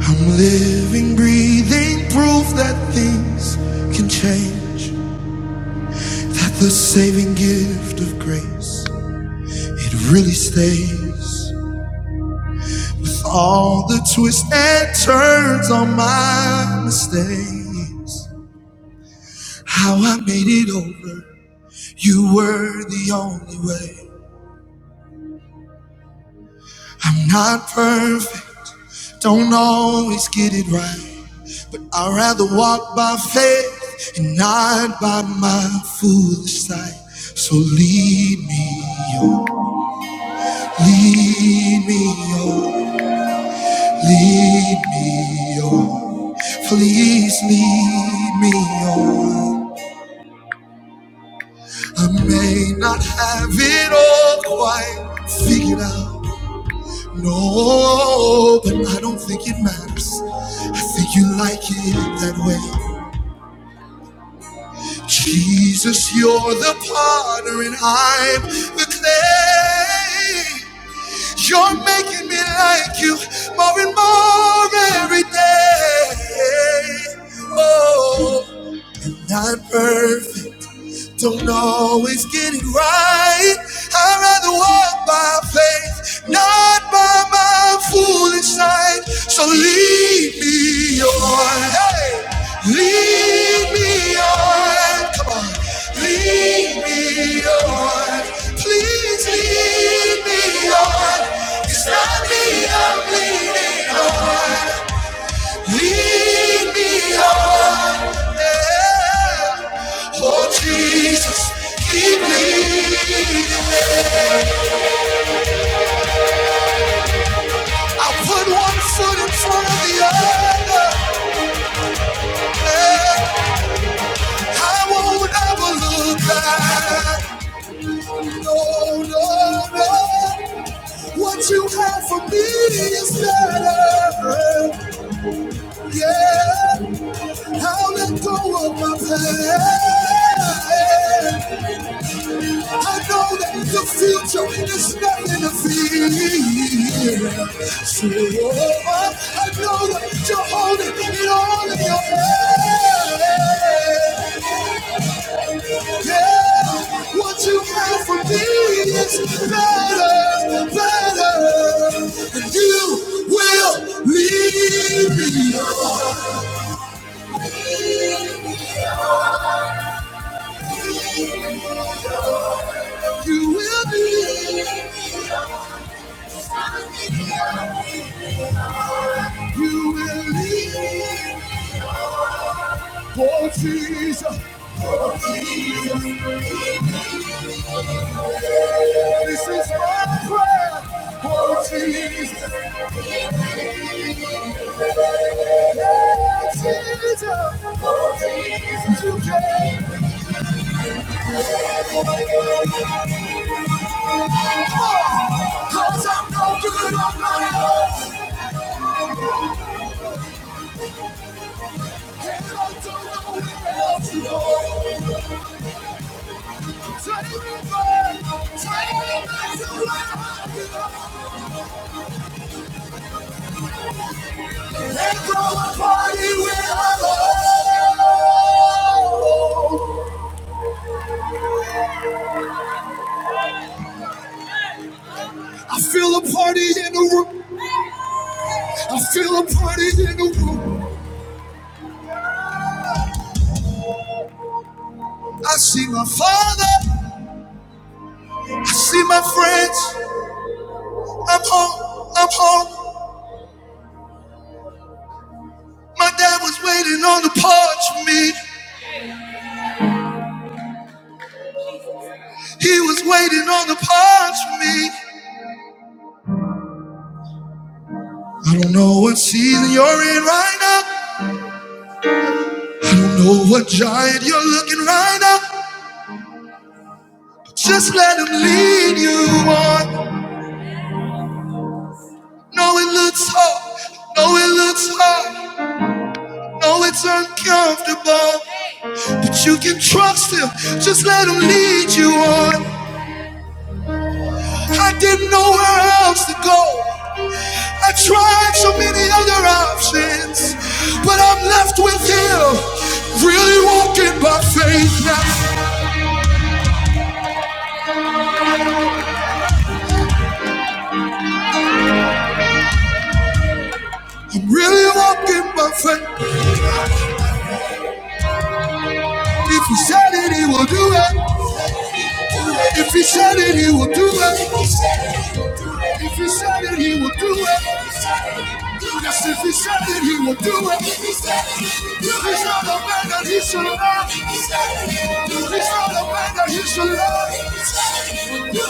I'm living, breathing proof that things can change. That the saving gift of grace, it really stays. With all the twists and turns on my mistakes. How I made it over, you were the only way. I'm not perfect, don't always get it right. I'd rather walk by faith and not by my foolish sight. So lead me, oh, lead me, oh, lead me, oh, please lead me, oh. I may not have it all quite figured out, no, but I don't think it matters. I think you like it that way. Jesus, you're the potter and I'm the clay. You're making me like you more and more every day. Oh, not perfect. Don't always get it right. I'd rather walk by faith, not by my foolish sight. So lead me on, hey, lead me on. Come on, lead me on. Please lead me on. It's not me I'm leading on. Lead me on. Oh Jesus, keep leading. I put one foot in front of the other. I won't ever look back. No, no, no. What you have for me is better. Yeah, I'll let go of my past. I know that the future is nothing to fear. So I know that you're holding it all in your hand. Yeah, what you have for me is better, better, and you will lead me. on. You will be. You will lead, oh Jesus. Oh Jesus. This is my prayer, oh Jesus. Oh Jesus, oh Jesus, you came. Cause I'm no good on my own. I feel a party in the room. I feel a party in the room. I see my father. I see my friends. I'm home. I'm home. My dad was waiting on the porch for me. He was waiting on the porch for me. I don't know what season you're in right now. You know what giant you're looking right now. Just let him lead you on. No, it looks hard. No, it looks hard. No, it's uncomfortable. But you can trust him. Just let him lead you on. I didn't know where else to go. I tried so many other options, but I'm left with him. Really walking by faith now. I'm really walking by faith. If he said it, he will do it. If he said it, he will do it. If he said it, he will do it. Yes, if he said it, he will do it. If he's not a man that he should love, if he's not a man that he should love,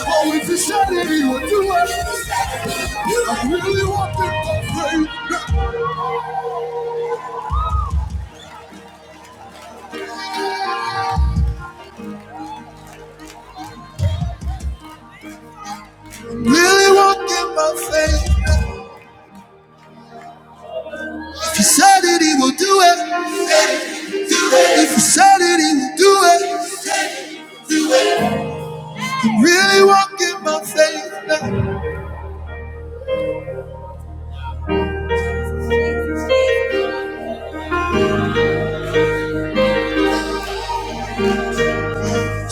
oh, if he said it, he will do it. I really want it by faith. Really want it by faith. If he said it, he will do it. If he said it, he will do it. I'm Really walking by faith now.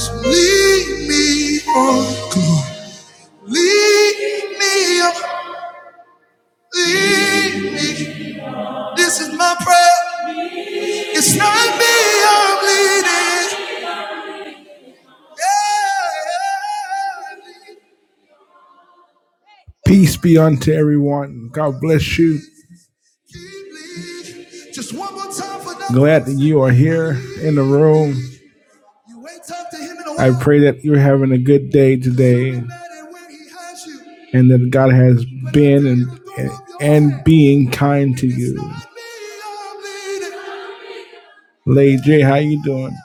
So Lead me on, come on. Lead me on, lead me. This is my prayer. It's not me I'm leading. Yeah. Peace be unto everyone. God bless you. Keep leading. Just one more time for that. Glad that you are here in the room. I pray that you're having a good day today and that God has been and, and, and being kind to you. not Lady J, how you doing?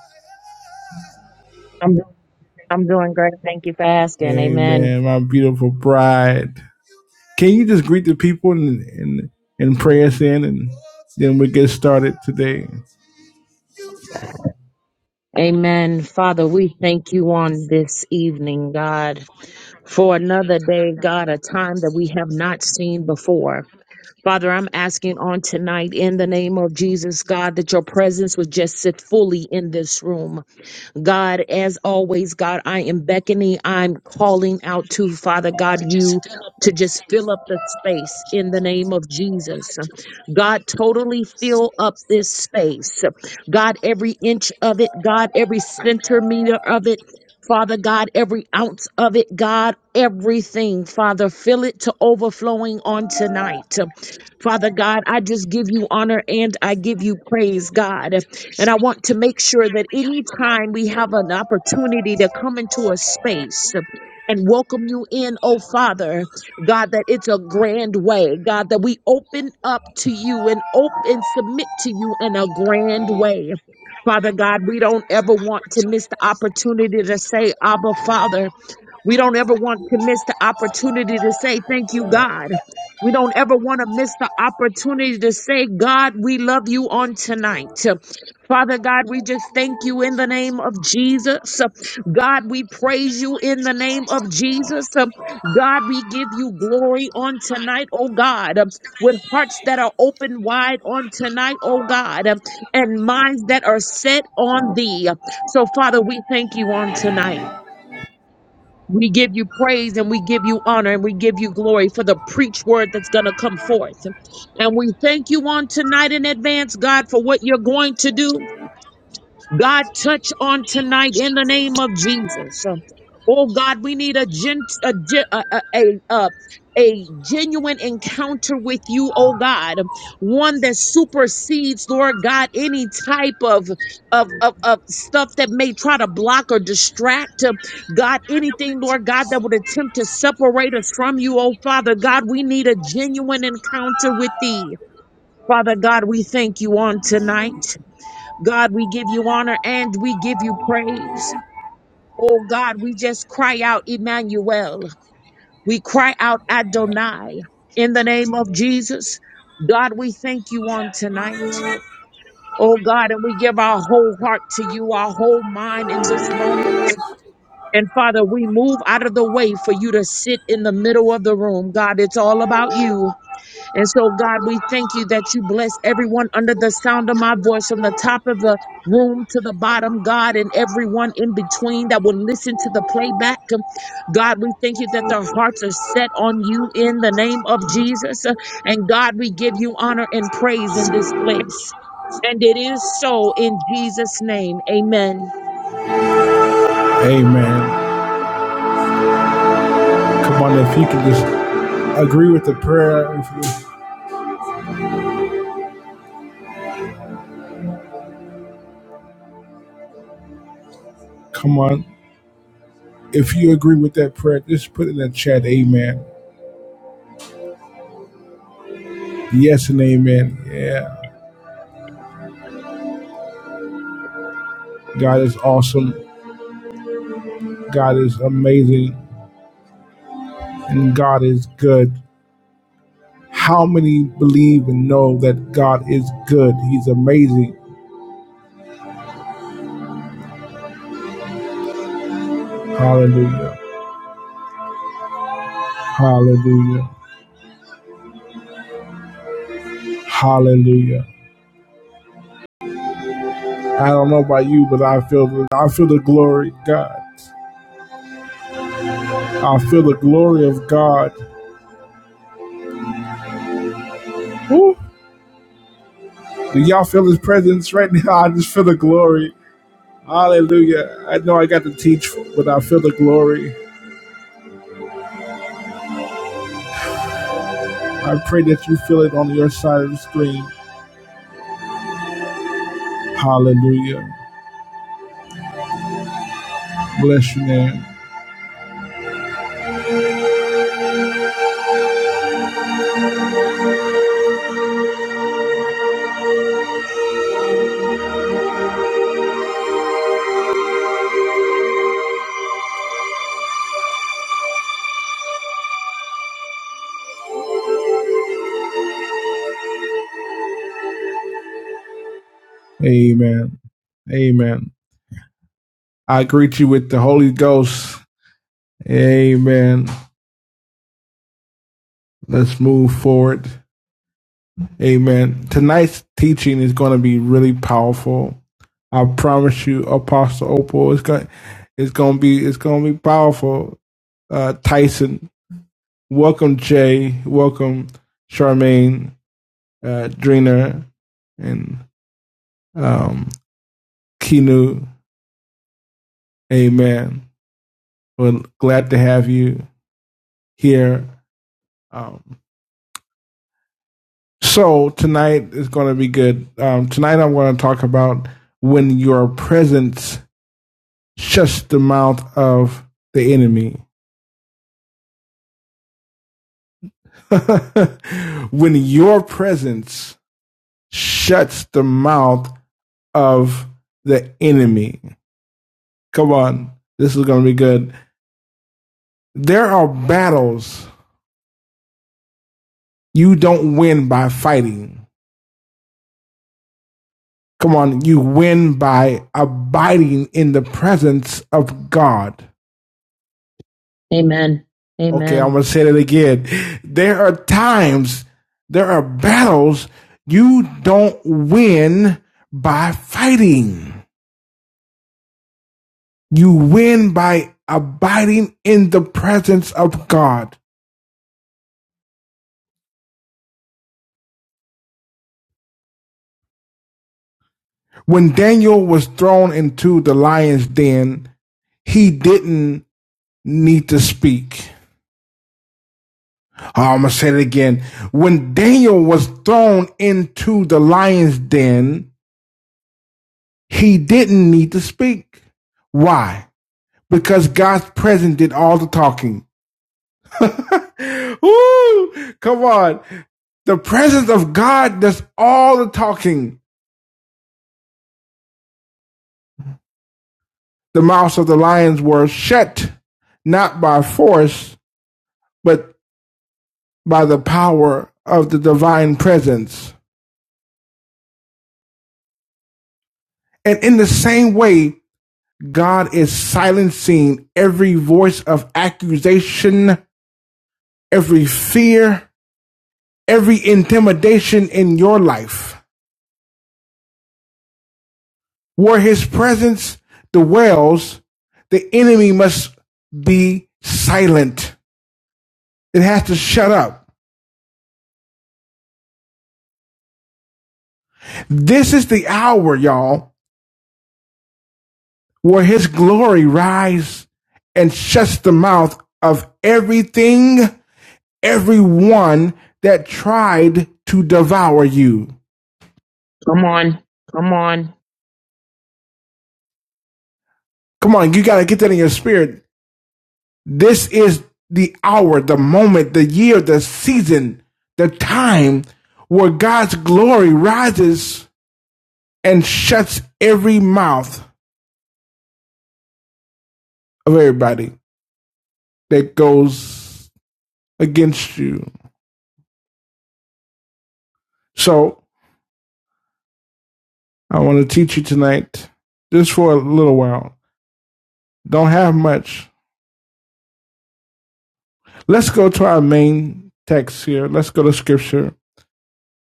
I'm doing great. Thank you for asking. Amen. Amen, my beautiful bride. Can you just greet the people and, and, and pray us in and then we get started today? Amen. Father, we thank you on this evening, God, for another day, God, a time that we have not seen before. Father, I'm asking on tonight in the name of Jesus, God, that your presence would just sit fully in this room. God, as always, God, I am beckoning, I'm calling out to Father God, you to just fill up the space in the name of Jesus. God, totally fill up this space. God, every inch of it, God, every centimeter of it. Father God, every ounce of it, God, everything, Father, fill it to overflowing on tonight. Father God, I just give you honor and I give you praise, God. And I want to make sure that anytime we have an opportunity to come into a space and welcome you in, oh Father, God, that it's a grand way. God, that we open up to you and open submit to you in a grand way. Father God, we don't ever want to miss the opportunity to say, Abba, Father. We don't ever want to miss the opportunity to say, Thank you, God. We don't ever want to miss the opportunity to say, God, we love you on tonight. Father God, we just thank you in the name of Jesus. God, we praise you in the name of Jesus. God, we give you glory on tonight, oh God, with hearts that are open wide on tonight, oh God, and minds that are set on thee. So, Father, we thank you on tonight. We give you praise and we give you honor and we give you glory for the preach word that's going to come forth. And we thank you on tonight in advance, God, for what you're going to do. God, touch on tonight in the name of Jesus. Oh God, we need a gen- a, gen- a, a, a, a a genuine encounter with you, oh God, one that supersedes, Lord God, any type of, of, of, of stuff that may try to block or distract, uh, God, anything, Lord God, that would attempt to separate us from you, oh Father God, we need a genuine encounter with thee. Father God, we thank you on tonight. God, we give you honor and we give you praise. Oh God, we just cry out, Emmanuel. We cry out, Adonai, in the name of Jesus. God, we thank you on tonight. Oh God, and we give our whole heart to you, our whole mind in this moment. And Father, we move out of the way for you to sit in the middle of the room. God, it's all about you. And so, God, we thank you that you bless everyone under the sound of my voice from the top of the room to the bottom, God, and everyone in between that will listen to the playback. God, we thank you that their hearts are set on you in the name of Jesus. And God, we give you honor and praise in this place. And it is so in Jesus' name. Amen. Amen. Come on, if you can just agree with the prayer. come on. If you agree with that prayer, just put in the chat, amen. Yes and amen. Yeah. God is awesome. God is amazing. And God is good. How many believe and know that God is good? He's amazing. Hallelujah. Hallelujah. Hallelujah. I don't know about you, but I feel the, I feel the glory of God. I feel the glory of God. Woo. Do y'all feel his presence right now? I just feel the glory. Hallelujah. I know I got to teach, but I feel the glory. I pray that you feel it on your side of the screen. Hallelujah. Bless your name. Amen. Amen. I greet you with the Holy Ghost. Amen. Let's move forward. Amen. Tonight's teaching is going to be really powerful. I promise you, Apostle Opal, it's going, it's going to be, it's going to be powerful. Uh, Tyson welcome Jay, welcome Charmaine, uh, Dreener, and um, Kinu. Amen. We're glad to have you here. Um, so tonight is going to be good. Um, tonight I'm going to talk about when your presence shuts the mouth of the enemy. when your presence shuts the mouth of the enemy. Come on. This is going to be good. There are battles you don't win by fighting. Come on. You win by abiding in the presence of God. Okay. I'm Amen. going to say that again. There are times, there are battles you don't win by fighting. You win by abiding in the presence of God. When Daniel was thrown into the lion's den, he didn't need to speak. Uh, I'm going to say it again. When Daniel was thrown into the lion's den, he didn't need to speak. Why? Because God's presence did all the talking. Ooh, Come on. The presence of God does all the talking. The mouths of the lions were shut, not by force, but by the power of the divine presence. And in the same way, God is silencing every voice of accusation, every fear, every intimidation in your life. Where his presence dwells, the enemy must be silent. It has to shut up. This is the hour, y'all, where his glory rises and shuts the mouth of everything, everyone that tried to devour you. Come on. Come on, you got to get that in your spirit. This is the hour, the moment, the year, the season, the time where God's glory rises and shuts every mouth of everybody that goes against you. So I want to teach you tonight, just for a little while. Don't have much. Let's go to our main text here. Let's go to scripture.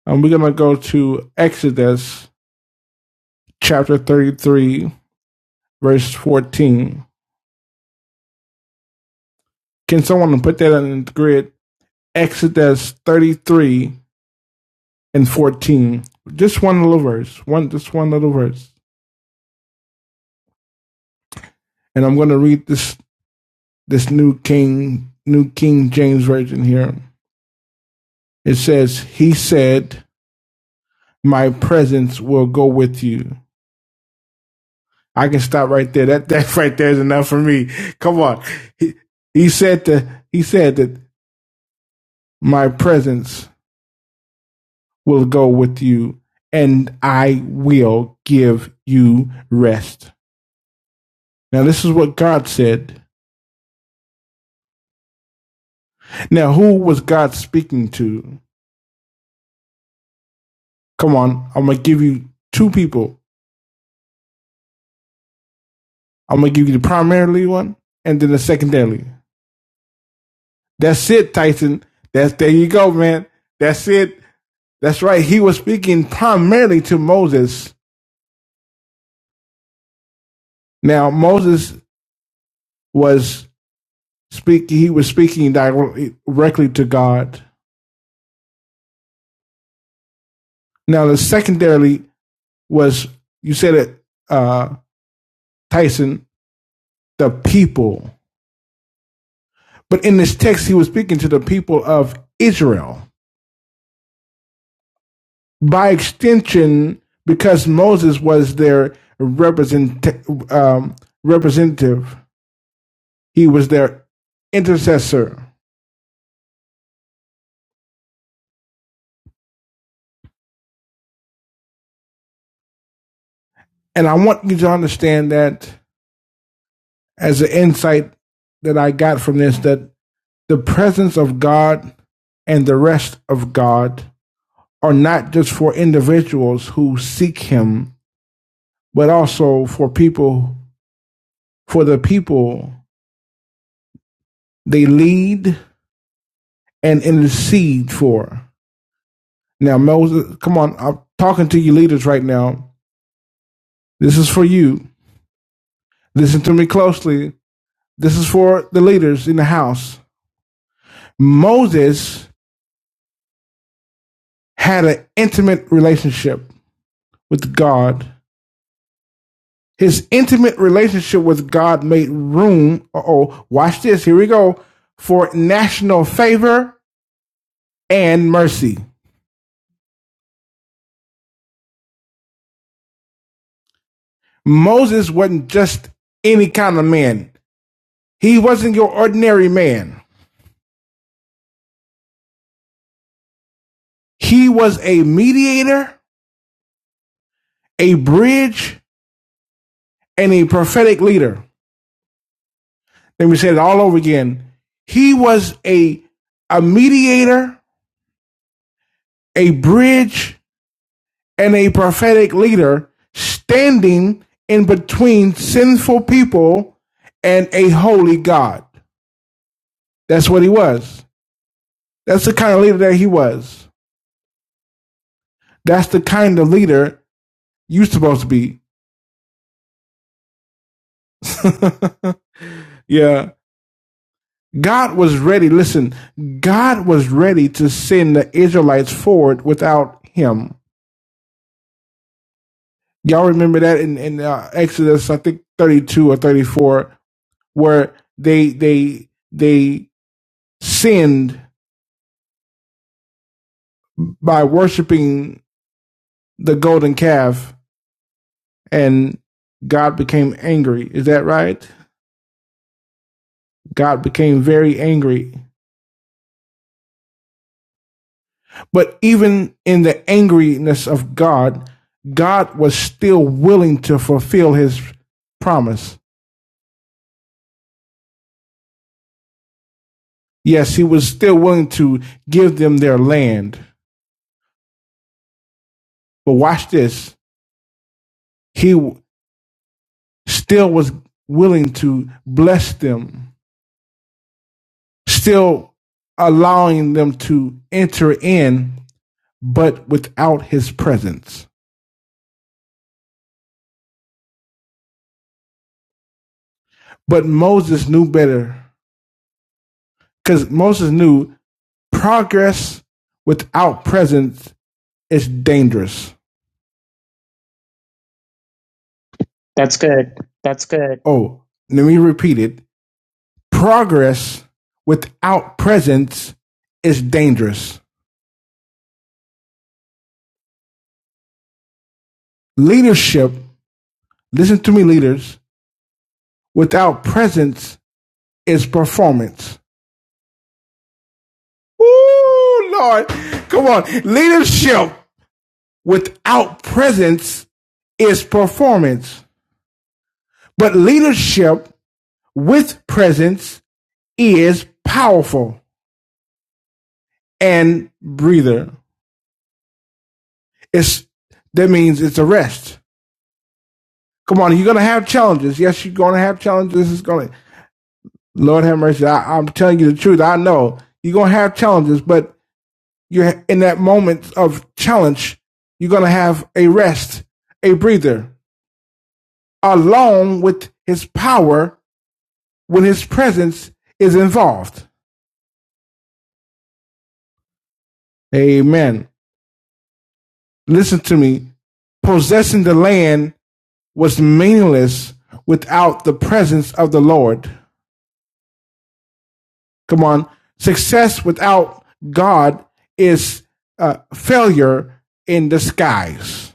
And we're going to go to Exodus chapter 33 verse 14. Can someone put that on the grid? Exodus 33 and 14. Just one little verse. One just one little verse. And I'm going to read this this new King New King James version here. It says, "He said, my presence will go with you." I can stop right there. That that right there is enough for me. Come on. He, he said that he said that my presence will go with you, and I will give you rest. Now, this is what God said. Now, who was God speaking to? Come on, I'm going to give you two people. I'm going to give you the primarily one and then the secondarily. That's it, Tyson. That's there you go, man. That's it. That's right. He was speaking primarily to Moses. Now, Moses was speaking, he was speaking directly directly to God. Now, the secondarily was you said it, uh, Tyson, the people. But in this text, he was speaking to the people of Israel. By extension, because Moses was their represent, um, representative, he was their intercessor. And I want you to understand that as an insight that I got from this, that the presence of God and the rest of God are not just for individuals who seek Him, but also for people, for the people they lead and intercede for. Now, Moses, come on, I'm talking to you leaders right now. This is for you. Listen to me closely. This is for the leaders in the house. Moses had an intimate relationship with God. His intimate relationship with God made room, uh oh, watch this, here we go, for national favor and mercy. Moses wasn't just any kind of man. He wasn't your ordinary man. He was a mediator, a bridge, and a prophetic leader. Let me say it all over again. He was a, a mediator, a bridge, and a prophetic leader standing in between sinful people and a holy God. That's what he was. That's the kind of leader that he was. That's the kind of leader you're supposed to be. yeah. God was ready. Listen, God was ready to send the Israelites forward without him. Y'all remember that in, in uh, Exodus, I think 32 or 34, where they, they, they sinned by worshiping the golden calf and God became angry. Is that right? God became very angry But even in the angriness of God, God was still willing to fulfill his promise. Yes, he was still willing to give them their land. But watch this. He still was willing to bless them, still allowing them to enter in, but without his presence. But Moses knew better because Moses knew progress without presence is dangerous. That's good. Oh, let me repeat it. Progress without presence is dangerous. Leadership, listen to me, leaders, without presence is performance. Ooh, Lord. Come on. Leadership without presence is performance. But leadership with presence is powerful and breather. It's that means it's a rest. Come on, you're gonna have challenges. Yes, you're gonna have challenges. It's gonna Lord have mercy. I, I'm telling you the truth. I know you're gonna have challenges, but you're in that moment of challenge. You're gonna have a rest, a breather, along with His power when His presence is involved. Amen. Listen to me. Possessing the land was meaningless without the presence of the Lord. Come on. Success without God is uh, failure in disguise.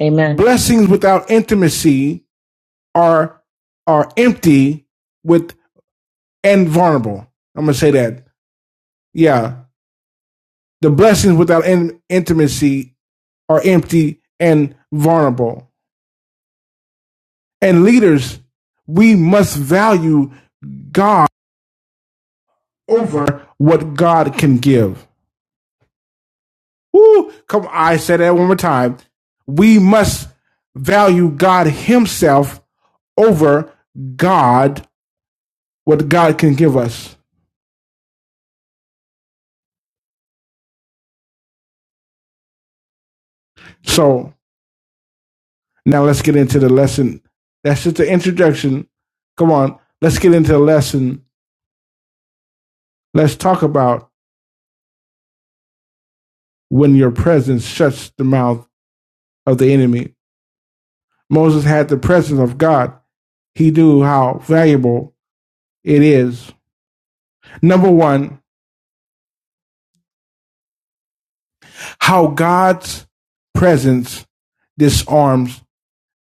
Amen. Blessings without intimacy are are empty with and vulnerable. I'm gonna say that. Yeah, the blessings without in, intimacy are empty and vulnerable. And leaders, we must value God over what God can give. Woo! Come, on, I said that one more time. We must value God Himself over God, what God can give us. So now let's get into the lesson. That's just the introduction. Come on, let's get into the lesson. Let's talk about when your presence shuts the mouth of the enemy. Moses had the presence of God. He knew how valuable it is. Number one, how God's presence disarms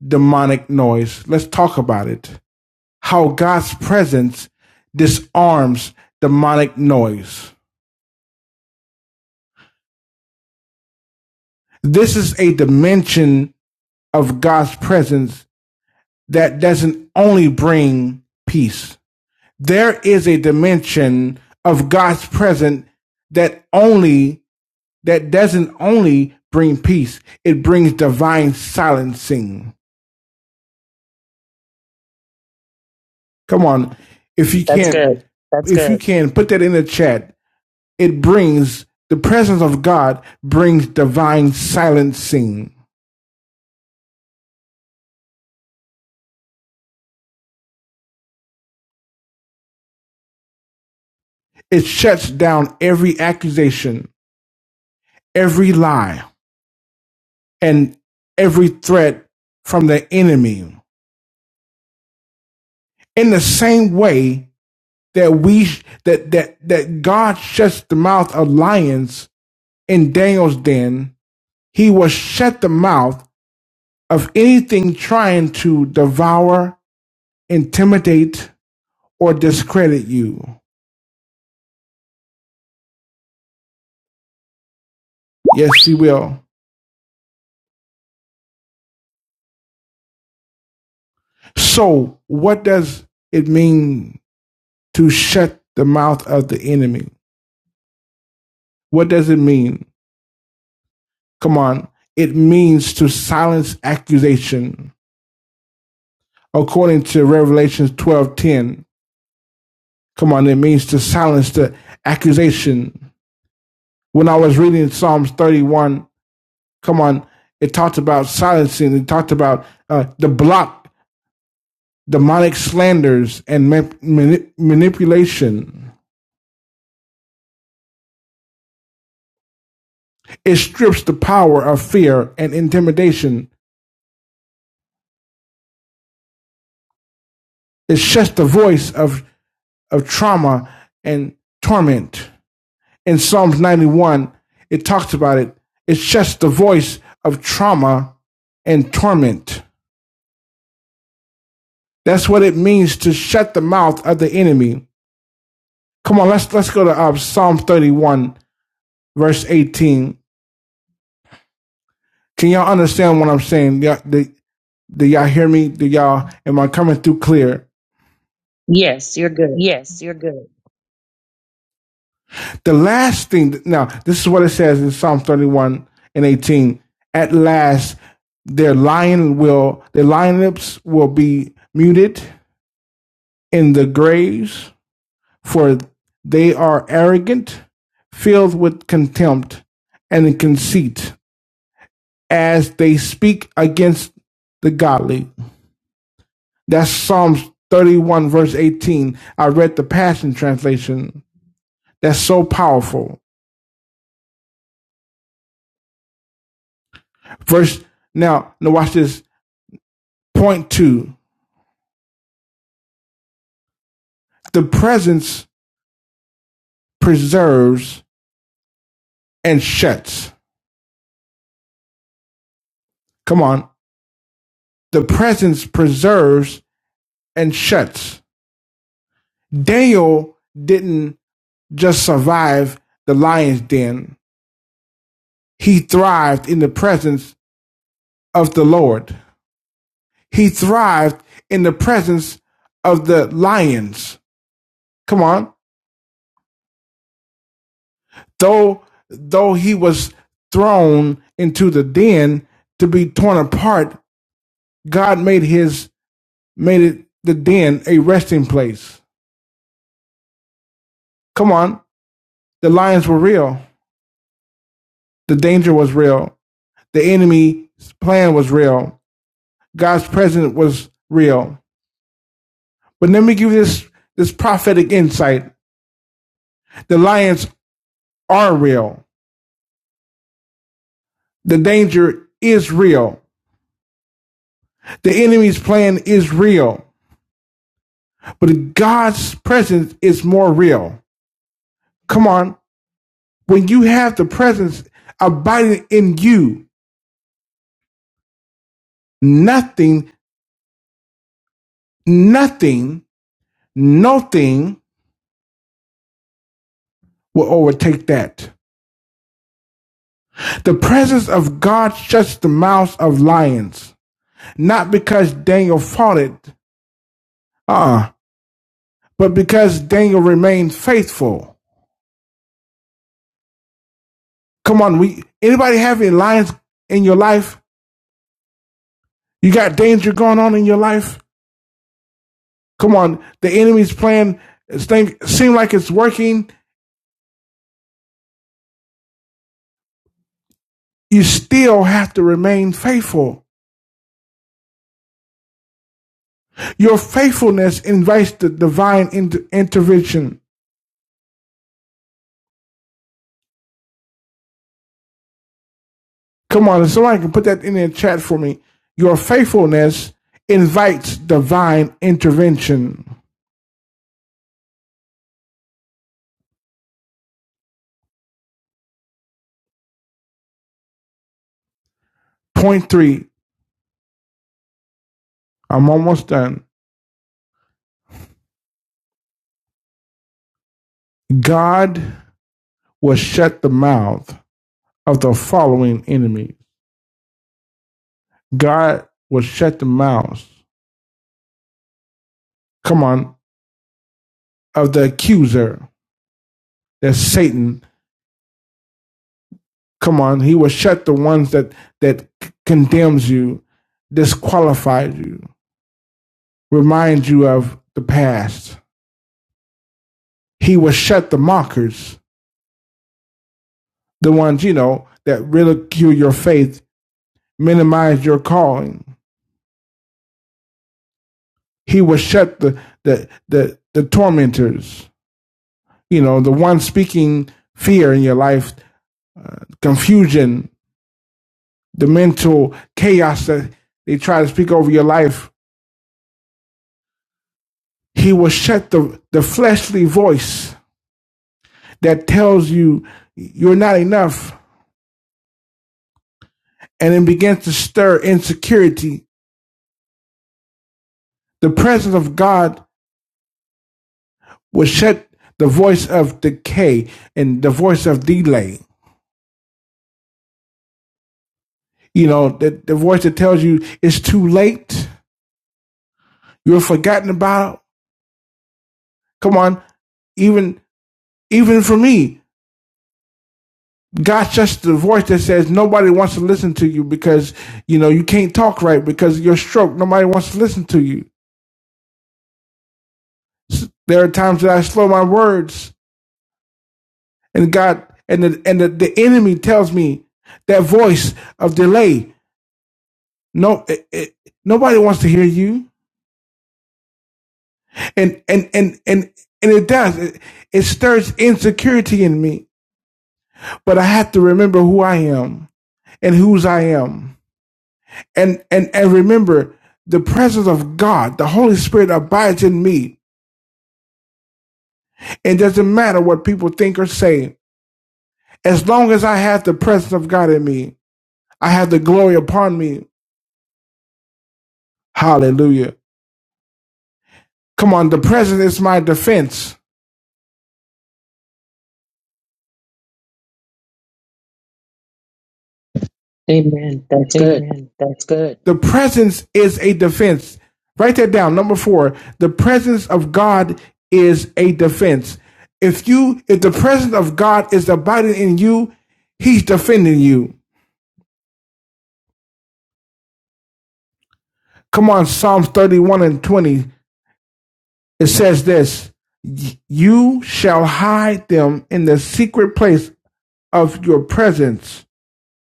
demonic noise. Let's talk about it. How God's presence disarms demonic noise. This is a dimension of God's presence that doesn't only bring peace. There is a dimension of God's presence that only that doesn't only bring peace. It brings divine silencing. Come on. If you can't That's if you good. can put that in the chat It brings the presence of God brings divine silencing. It shuts down every accusation, every lie, and every threat from the enemy. In the same way that we that that that God shuts the mouth of lions in Daniel's den, he will shut the mouth of anything trying to devour, intimidate, or discredit you. Yes, he will. So, what does it mean to shut the mouth of the enemy? What does it mean? Come on. It means to silence accusation. According to Revelations 12:10. Come on, it means to silence the accusation. When I was reading Psalms 31, come on, it talked about silencing. It talked about uh, the block, demonic slanders, and ma- mani- manipulation. It strips the power of fear and intimidation. It shuts the voice of, of trauma and torment. In Psalms 91, it talks about it. It shuts the voice of trauma and torment. That's what it means to shut the mouth of the enemy. Come on, let's let's go to uh, Psalm 31, verse 18. Can y'all understand what I'm saying? Do Y'all, do, do y'all hear me? Do y'all am I coming through clear? Yes, you're good. The last thing, now, this is what it says in Psalm 31 and 18. At last, their lion will, their lion lips will be muted in the graves, for they are arrogant, filled with contempt and conceit, as they speak against the godly. That's Psalms 31, verse 18. I read the Passion Translation. That's so powerful. Verse, now, now watch this. Point two. The presence preserves and shuts. Come on. The presence preserves and shuts. Daniel didn't just survive the lion's den, he thrived in the presence of the Lord. He thrived in the presence of the lions. Come on. Though though he was thrown into the den to be torn apart, God made his made it the den a resting place. Come on, the lions were real. The danger was real. The enemy's plan was real. God's presence was real. But let me give you this this prophetic insight. The lions are real. The danger is real. The enemy's plan is real. But God's presence is more real. Come on. When you have the presence abiding in you, nothing, nothing, nothing will overtake that. The presence of God shuts the mouths of lions, not because Daniel faulted, uh, but because Daniel remained faithful. Come on, we anybody have any lions in your life? You got danger going on in your life? Come on, the enemy's plan seems like it's working. You still have to remain faithful. Your faithfulness invites the divine inter- intervention. Come on, if somebody can put that in the chat for me. Your faithfulness invites divine intervention. Point three, I'm almost done. God will shut the mouth of the following enemies. God will shut the mouths, come on, of the accuser, that's Satan. Come on, he will shut the ones that that condemns you, disqualifies you, reminds you of the past. He will shut the mockers the ones, you know, that ridicule your faith, minimize your calling. He will shut the, the, the, the tormentors, you know, the one speaking fear in your life, confusion, the mental chaos that they try to speak over your life. He will shut the, the fleshly voice that tells you you're not enough and it begins to stir insecurity. The presence of God would shut the voice of decay and the voice of delay. You know, the, the voice that tells you it's too late, you're forgotten about. Come on, even even for me, God shuts the voice that says nobody wants to listen to you because you know you can't talk right because of your stroke. Nobody wants to listen to you. There are times that I slow my words, and God and the, and the, the enemy tells me that voice of delay. No, it, it, nobody wants to hear you. and and and and and it does it, it stirs insecurity in me but i have to remember who i am and whose i am and and and remember the presence of god the holy spirit abides in me it doesn't matter what people think or say as long as i have the presence of god in me i have the glory upon me hallelujah come on the presence is my defense Amen. That's good. The presence is a defense. Write that down. Number four, the presence of God is a defense. If you, if the presence of God is abiding in you, He's defending you. Come on, Psalms 31 and 20. It says this You shall hide them in the secret place of your presence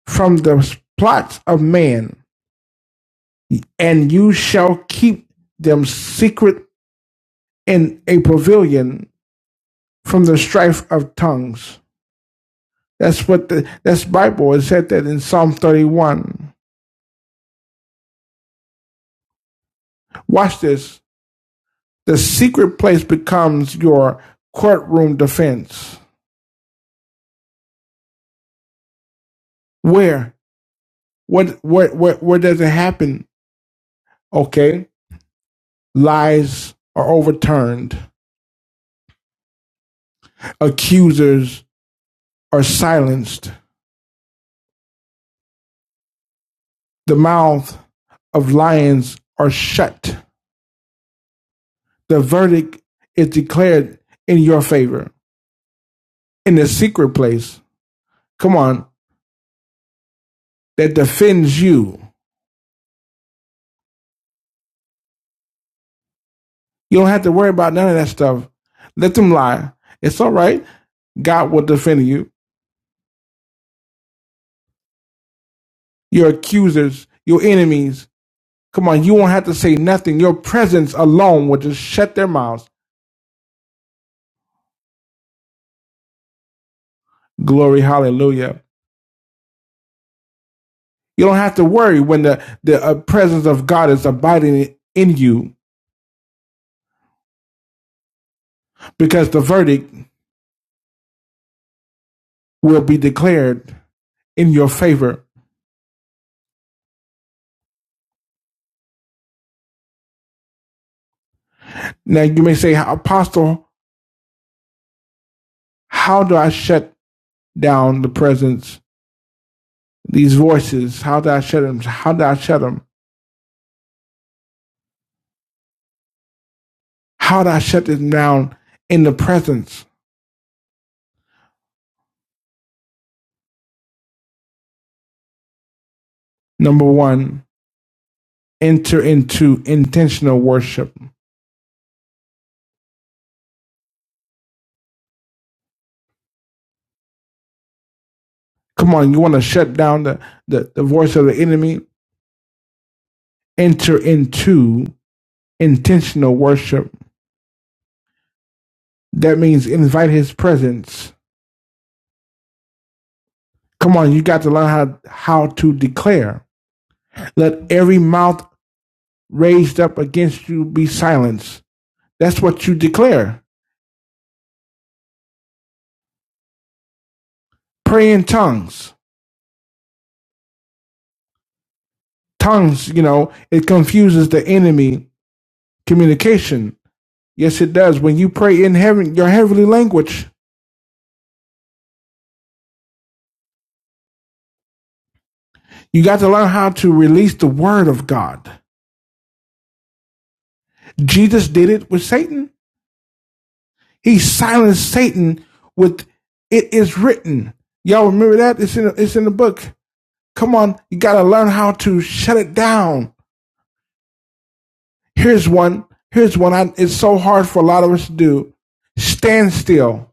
from the plots of man, and you shall keep them secret in a pavilion from the strife of tongues. That's what the that's Bible. It said that in Psalm 31. Watch this. The secret place becomes your courtroom defense. Where? What where where, where does it happen? Okay. Lies are overturned. Accusers are silenced. The mouth of lions are shut. The verdict is declared in your favor. In the secret place. Come on. that defends you. You don't have to worry about none of that stuff. Let them lie. It's all right. God will defend you. Your accusers, your enemies. Come on, you won't have to say nothing. Your presence alone will just shut their mouths. Glory, hallelujah. You don't have to worry when the, the uh, presence of God is abiding in you because the verdict will be declared in your favor. Now, you may say, Apostle, how do I shut down the presence these voices? How do I shut them? How do I shut them? How do I shut them down in the presence? Number one, enter into intentional worship. Come on, you want to shut down the, the, the voice of the enemy? Enter into intentional worship. That means invite his presence. Come on, you got to learn how, how to declare. Let every mouth raised up against you be silenced. That's what you declare. Pray in tongues. tongues, you know, it confuses the enemy communication. Yes, it does. When you pray in heaven, your heavenly language, you got to learn how to release the word of God. Jesus did it with Satan. He silenced Satan with it is written. Y'all remember that? It's in it's in the book. Come on, you got to learn how to shut it down. Here's one. Here's one. I, it's so hard for a lot of us to do. Stand still.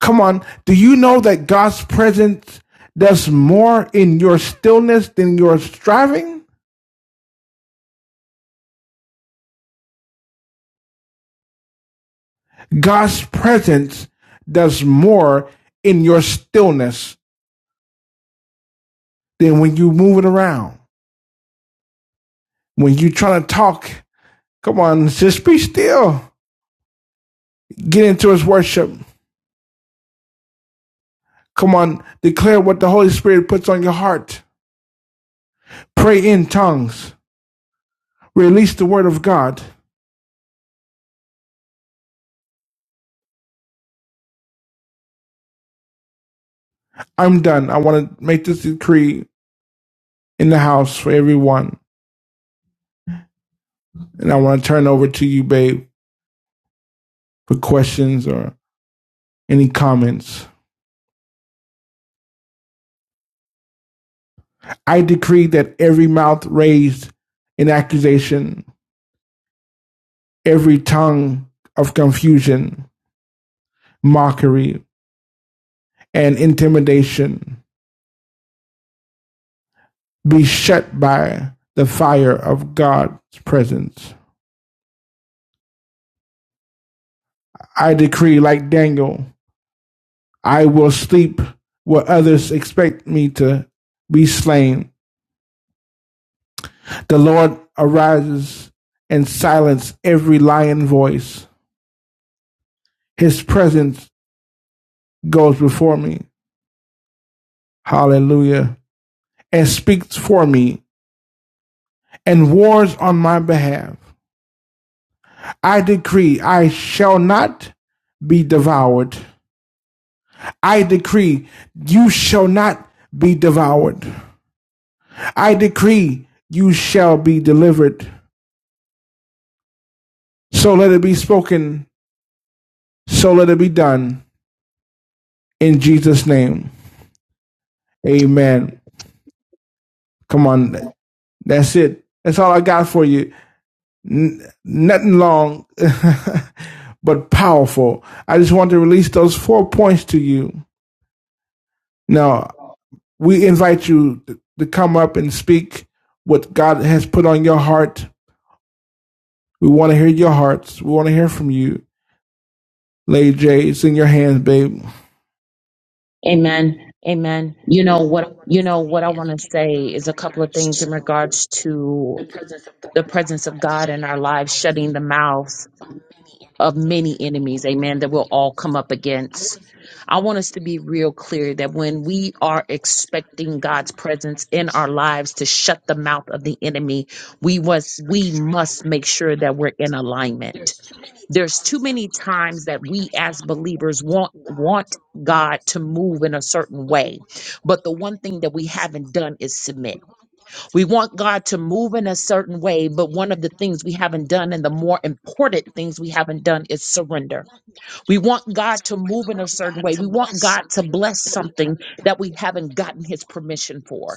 Come on. Do you know that God's presence does more in your stillness than your striving? God's presence does more in your stillness than when you move it around. When you are trying to talk, come on, just be still. Get into his worship. Come on, declare what the Holy Spirit puts on your heart. Pray in tongues. Release the word of God. I'm done. I want to make this decree in the house for everyone. And I want to turn over to you, babe, for questions or any comments. I decree that every mouth raised in accusation, every tongue of confusion, mockery, and intimidation be shut by the fire of God's presence. I decree, like Daniel, I will sleep where others expect me to be slain. The Lord arises and silence every lying voice. His presence goes before me, hallelujah, and speaks for me and wars on my behalf. I decree I shall not be devoured. I decree you shall not be devoured. I decree you shall be delivered. So let it be spoken. So let it be done. In Jesus' name. Amen. Come on. That's it. That's all I got for you. N- nothing long, but powerful. I just want to release those four points to you. Now, we invite you to come up and speak what God has put on your heart. We want to hear your hearts. We want to hear from you. Lady J, it's in your hands, babe. Amen. you know, what I want to say is a couple of things in regards to the presence of God in our lives, shutting the mouths of many enemies, amen, that we'll all come up against. I want us to be real clear that when we are expecting God's presence in our lives to shut the mouth of the enemy, we was we must make sure that we're in alignment there's too many times that we as believers want want God to move in a certain way. But the one thing that we haven't done is submit. We want God to move in a certain way, but one of the things we haven't done and the more important things we haven't done is surrender. We want God to move in a certain way. We want God to bless something that we haven't gotten his permission for.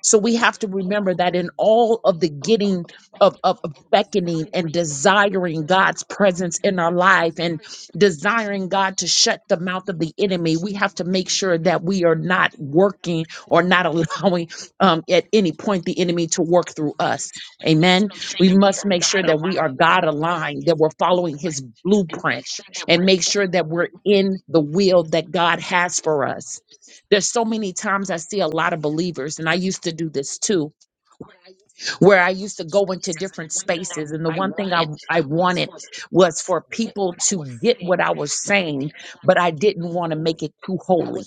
So we have to remember that in all of the getting of, of, of beckoning and desiring God's presence in our life and desiring God to shut the mouth of the enemy, we have to make sure that we are not working or not allowing um, at any point the enemy to work through us. Amen. We must make sure that we are God aligned, that we're following his blueprint, and make sure that we're in the will that God has for us. There's so many times I see a lot of believers, and I used to do this too where I used to go into different spaces. And the one thing I, I wanted was for people to get what I was saying, but I didn't want to make it too holy.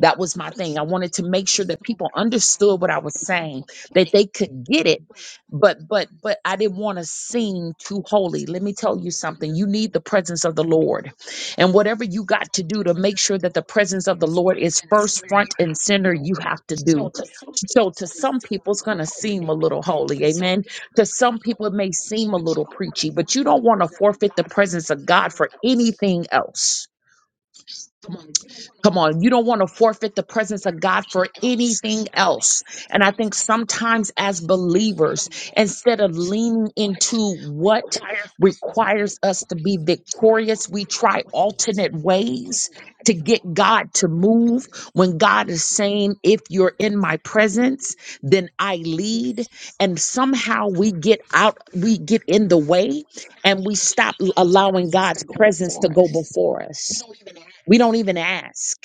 That was my thing. I wanted to make sure that people understood what I was saying, that they could get it, but but but I didn't want to seem too holy. Let me tell you something. You need the presence of the Lord. And whatever you got to do to make sure that the presence of the Lord is first front and center, you have to do. So to some people, it's going to seem a little holy. Amen. To some people, it may seem a little preachy, but you don't want to forfeit the presence of God for anything else. Come on, you don't want to forfeit the presence of God for anything else. And I think sometimes as believers, instead of leaning into what requires us to be victorious, we try alternate ways to get God to move when God is saying, if you're in my presence, then I lead. And somehow we get out, we get in the way and we stop allowing God's presence to go before us. We don't even ask.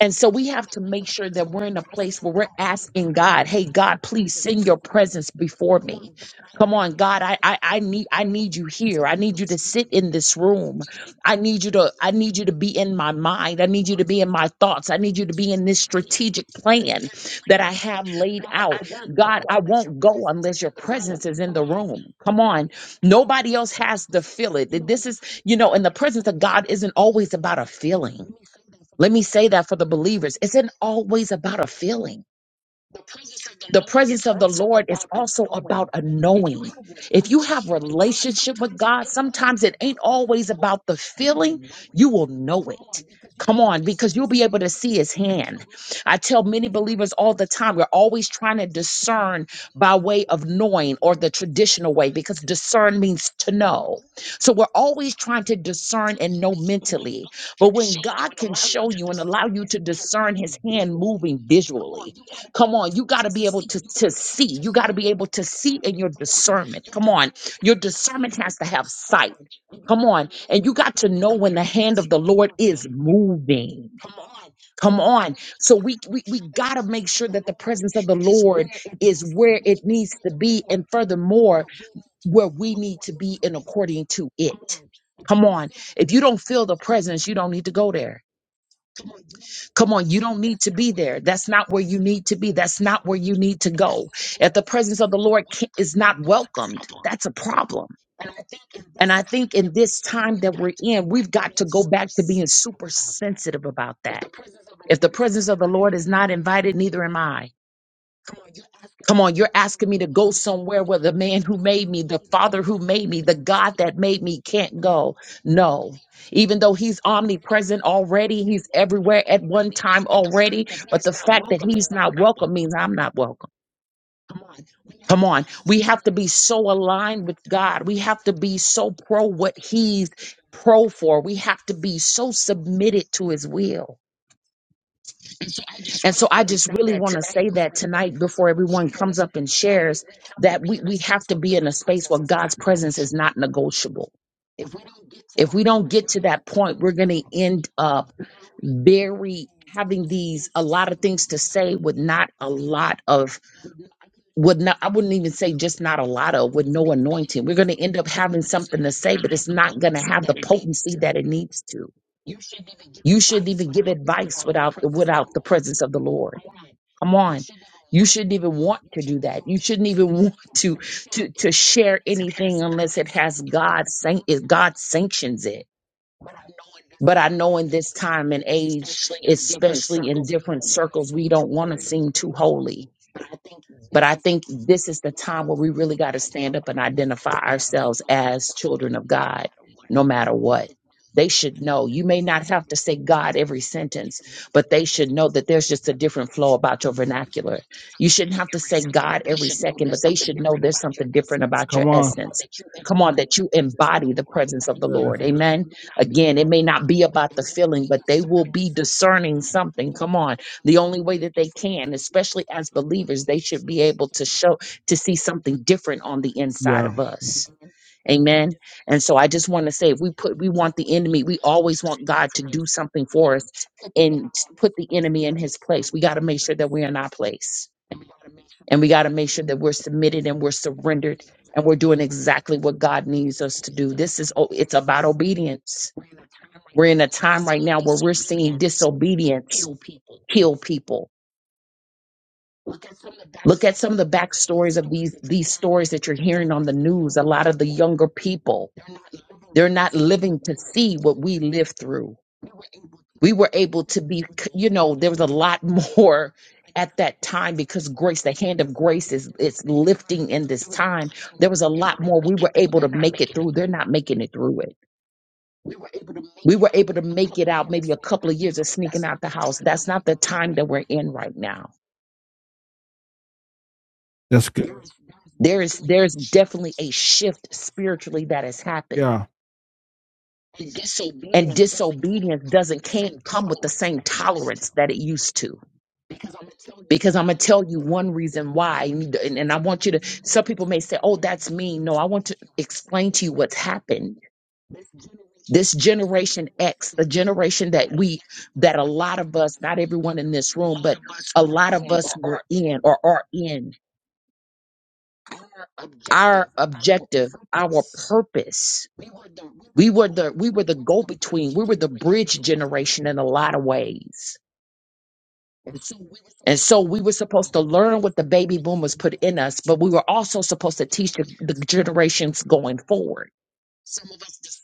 And so we have to make sure that we're in a place where we're asking God, hey God, please send your presence before me. Come on, God, I, I I need I need you here. I need you to sit in this room. I need you to I need you to be in my mind. I need you to be in my thoughts. I need you to be in this strategic plan that I have laid out. God, I won't go unless your presence is in the room. Come on. Nobody else has to feel it. This is, you know, and the presence of God isn't always about a feeling let me say that for the believers. It isn't always about a feeling the presence of the lord is also about a knowing if you have relationship with god sometimes it ain't always about the feeling you will know it come on because you'll be able to see his hand i tell many believers all the time we're always trying to discern by way of knowing or the traditional way because discern means to know so we're always trying to discern and know mentally but when god can show you and allow you to discern his hand moving visually Come on, you got to be able to, to see. You got to be able to see in your discernment. Come on, your discernment has to have sight. Come on, and you got to know when the hand of the Lord is moving. Come on, so we we, we got to make sure that the presence of the Lord is where it needs to be, and furthermore, where we need to be in according to it. Come on, if you don't feel the presence, you don't need to go there. Come on, you don't need to be there. That's not where you need to be. That's not where you need to go. If the presence of the Lord ca- is not welcomed, that's a problem. And I think in this time that we're in, we've got to go back to being super sensitive about that. If the presence of the Lord is not invited, neither am I. Come on, you're asking me to go somewhere where the man who made me, the father who made me, the God that made me can't go. No. Even though he's omnipresent already, he's everywhere at one time already, but the fact that he's not welcome means I'm not welcome. Come on. We have to be so aligned with God. We have to be so pro what he's pro for. We have to be so submitted to his will. And so I just really want to say that tonight before everyone comes up and shares that we, we have to be in a space where God's presence is not negotiable. If we don't get to that point, we're going to end up very having these a lot of things to say with not a lot of would not I wouldn't even say just not a lot of with no anointing. We're going to end up having something to say, but it's not going to have the potency that it needs to. You shouldn't even give advice without without the presence of the Lord Come on. You shouldn't even want to do that. You shouldn't even want to to to share anything unless it has God san- if God sanctions it. But I know in this time and age, especially in different circles, we don't want to seem too holy. But I think this is the time where we really got to stand up and identify ourselves as children of God, no matter what. They should know. You may not have to say God every sentence, but they should know that there's just a different flow about your vernacular. You shouldn't have to say God every second, but they should know there's something different about your Come on. essence. Come on, that you embody the presence of the Lord. Amen. Again, it may not be about the feeling, but they will be discerning something. Come on the only way that they can especially as believers they should be able to show to see something different on the inside of us amen and so i just want to say if we put we want the enemy we always want god to do something for us and s- put the enemy in his place we got to make sure that we're in our place and we got to make sure that we're submitted and we're surrendered and we're doing exactly what god needs us to do this is o- it's about obedience we're in a time right now where we're seeing disobedience kill people Look at some of the backstories of these these stories that you're hearing on the news. A lot of the younger people, they're not living to see what we lived through. We were able to be, you know, there was a lot more at that time because grace, the hand of grace is it's lifting in this time. There was a lot more. We were able to make it through. They're not making it through it. We were able to make it out maybe a couple of years of sneaking out the house. That's not the time that we're in right now. That's good. There is there's definitely a shift spiritually that has happened Yeah. And disobedience doesn't can't come with the same tolerance that it used to. Because I'm gonna tell you one reason why, and, and and I want you to. Some people may say, "Oh, that's mean." No, I want to explain to you what's happened. This generation X, the generation that we, that a lot of us, not everyone in this room, but a lot of us were in or are in. Our objective, our purpose. We were the we were the go between. We were the bridge generation in a lot of ways And so we were supposed to learn what the baby boomers put in us, but we were also supposed to teach the, the generations going forward.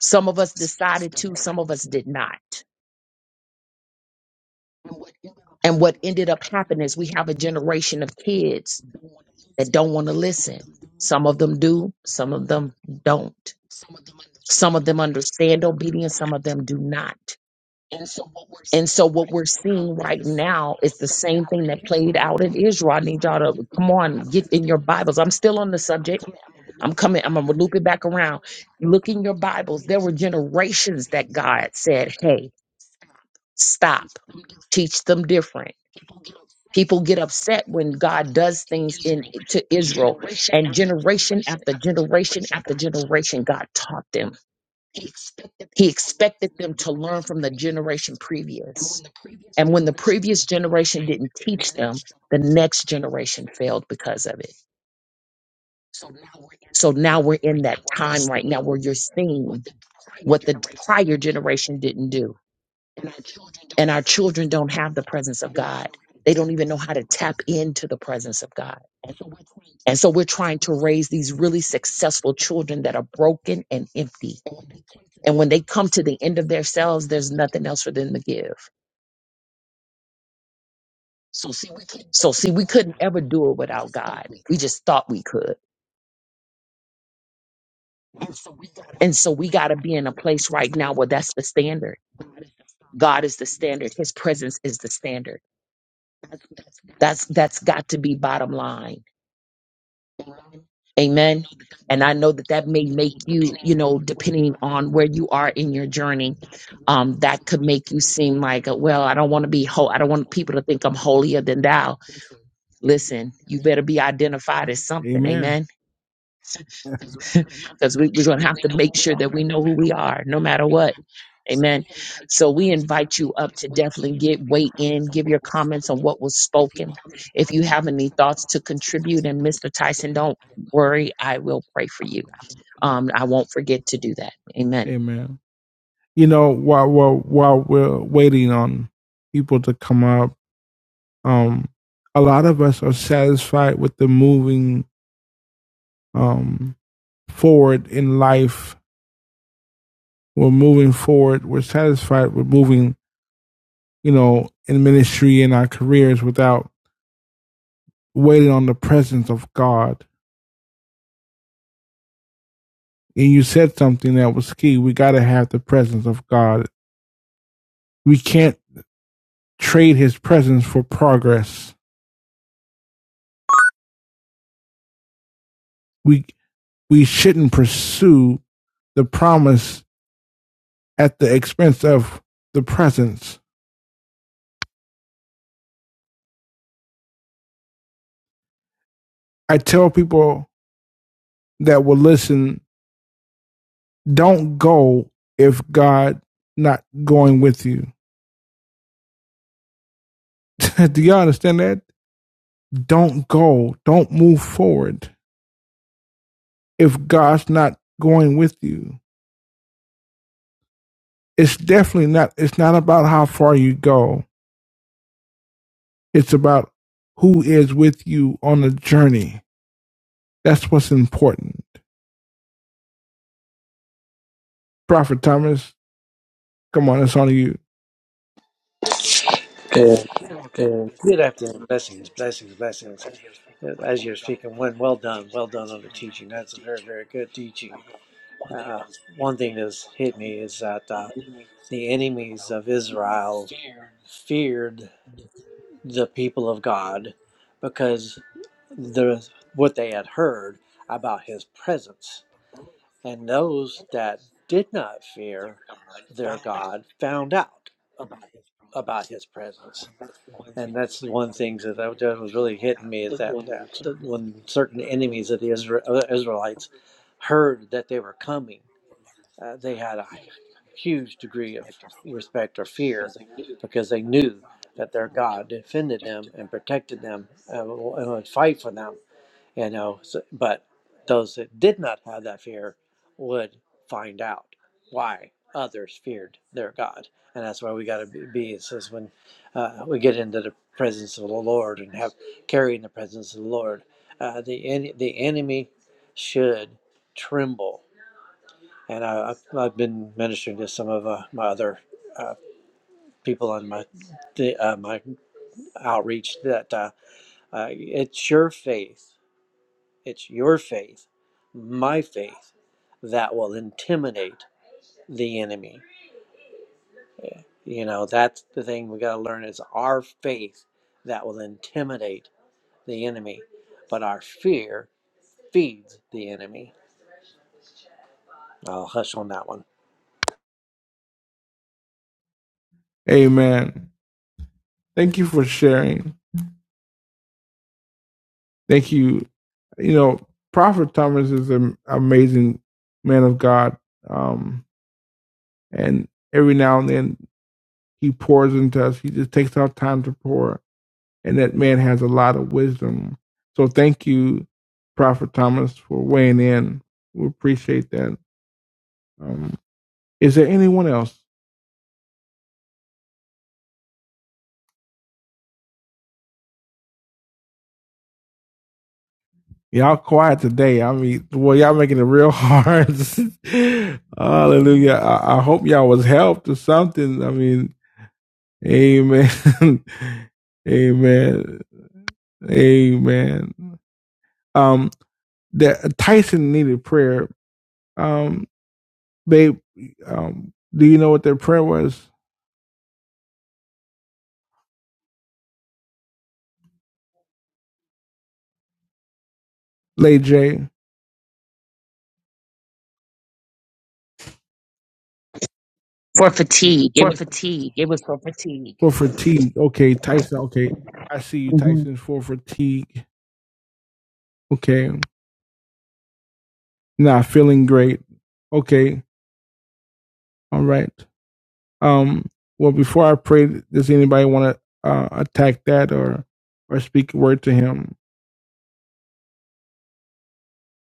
Some of us decided to, some of us did not. And what ended up happening is we have a generation of kids that don't want to listen. Some of them do, some of them don't. Some of them understand obedience, some of them do not. And so what we're seeing right now is the same thing that played out in Israel. I need y'all to come on, get in your Bibles. I'm still on the subject I'm coming, I'm gonna loop it back around. Look in your Bibles. There were generations that God said, Hey, stop, teach them different. People get upset when God does things in to Israel, and generation after generation after generation, God taught them. He expected them to learn from the generation previous. And when the previous generation didn't teach them, the next generation failed because of it. So now we're in that time right now where you're seeing what the prior generation didn't do. And our children don't have the presence of God. They don't even know how to tap into the presence of God. And so we're trying to raise these really successful children that are broken and empty. And when they come to the end of themselves, there's nothing else for them to give. So see, we couldn't ever do it without God. We just thought we could. And so we got to be in a place right now where that's the standard. God is the standard. His presence is the standard. That's that's got to be bottom line Amen. And I know that that may make you, you know, depending on where you are in your journey, um, that could make you seem like, uh, well, I don't want to be whole. I don't want people to think I'm holier than thou. Listen, you better be identified as something. Amen. Amen. Because we, we're going to have to make sure that we know who we are no matter what. Amen. So we invite you up to definitely get weigh in, give your comments on what was spoken. If you have any thoughts to contribute, and Mr. Tyson, don't worry, I will pray for you. Um, I won't forget to do that. Amen. Amen. You know, while while while we're waiting on people to come up, um, a lot of us are satisfied with the moving um forward in life. We're moving forward. We're satisfied with moving, you know, in ministry and our careers without waiting on the presence of God. And you said something that was key. We got to have the presence of God. We can't trade his presence for progress. We, we shouldn't pursue the promise at the expense of the presence. I tell people that will listen, don't go if God not going with you. Do you all understand that? Don't go. Don't move forward if God's not going with you. It's definitely not it's not about how far you go. It's about who is with you on the journey. That's what's important. Prophet Thomas, come on, it's on you. Uh, Good afternoon. Blessings, blessings, blessings. Uh, As you're speaking, one, well done, well done on the teaching. That's a very, very good teaching. Uh, one thing that's hit me is that uh, the enemies of Israel feared the people of God because the what they had heard about his presence. And those that did not fear their God found out about his presence and that's the one thing that I- that was really hitting me is that, that that when certain enemies of the Isra- uh, Israelites heard that they were coming, uh, they had a huge degree of respect or fear because they knew that their God defended them and protected them uh, and would fight for them you know so, but those that did not have that fear would find out why others feared their god and that's why we got to be, be it says when uh, we get into the presence of the lord and have carrying the presence of the lord uh, the en- the enemy should tremble and I, I've, I've been ministering to some of uh, my other uh, people on my the, uh, my outreach that uh, uh, it's your faith it's your faith, my faith, that will intimidate the enemy. You know, that's the thing we got to learn is our faith that will intimidate the enemy, but our fear feeds the enemy. I'll hush on that one. Amen. Thank you for sharing. Thank you. You know, Prophet Thomas is an amazing man of God. Um, and every now and then He pours into us. He just takes out time to pour. And that man has a lot of wisdom. So thank you, Prophet Thomas, for weighing in. We appreciate that. Um, is there anyone else? Y'all quiet today. I mean, well, y'all making it real hard. Hallelujah. I, I hope y'all was helped or something. I mean, amen. amen. Amen. Um, that Tyson needed prayer. Um, babe, um, do you know what their prayer was? Lay J, For fatigue, it was for fatigue. for fatigue. Okay, Tyson. Okay, I see you, Mhm. Tyson, for fatigue. Okay, not feeling great. Okay, all right. Um, well, before I pray, does anybody want to uh, attack that or or speak a word to him?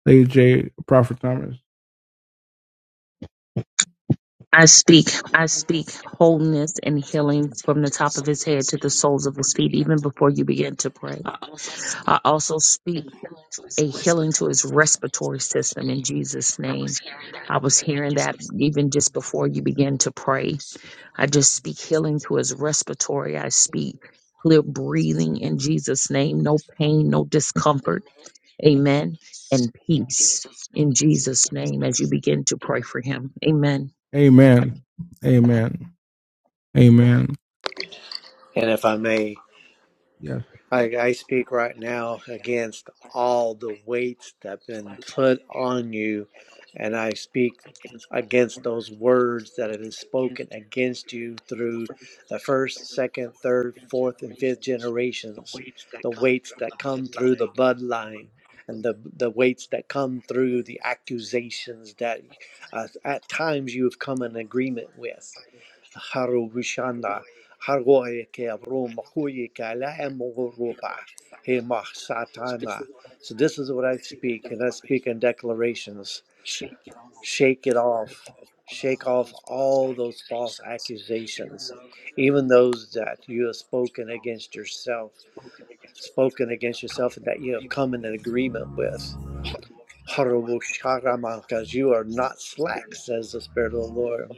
Lay J, Prophet Thomas. I speak wholeness and healing from the top of his head to the soles of his feet, even before you begin to pray. I also speak a healing to his respiratory system in Jesus' name. I was hearing that even just before you begin to pray. I just speak healing to his respiratory. I speak clear breathing in Jesus' name, no pain, no discomfort Amen. And peace in Jesus' name as you begin to pray for him. Amen. Amen. Amen. Amen. And if I may, Yes. I, I speak right now against all the weights that have been put on you, and I speak against those words that have been spoken against you through the first, second, third, fourth, and fifth generations. The weights that come through the bloodline, and the the weights that come through the accusations that uh, at times you have come in agreement with haru vishana haroe ke avro makuye ke alae mogorupa he mah satama. So this is what I speak, and I speak in declarations. Shake it off. Shake off all those false accusations, even those that you have spoken against yourself, spoken against yourself, and that you have come in an agreement with. Because you are not slack, says the Spirit of the Lord.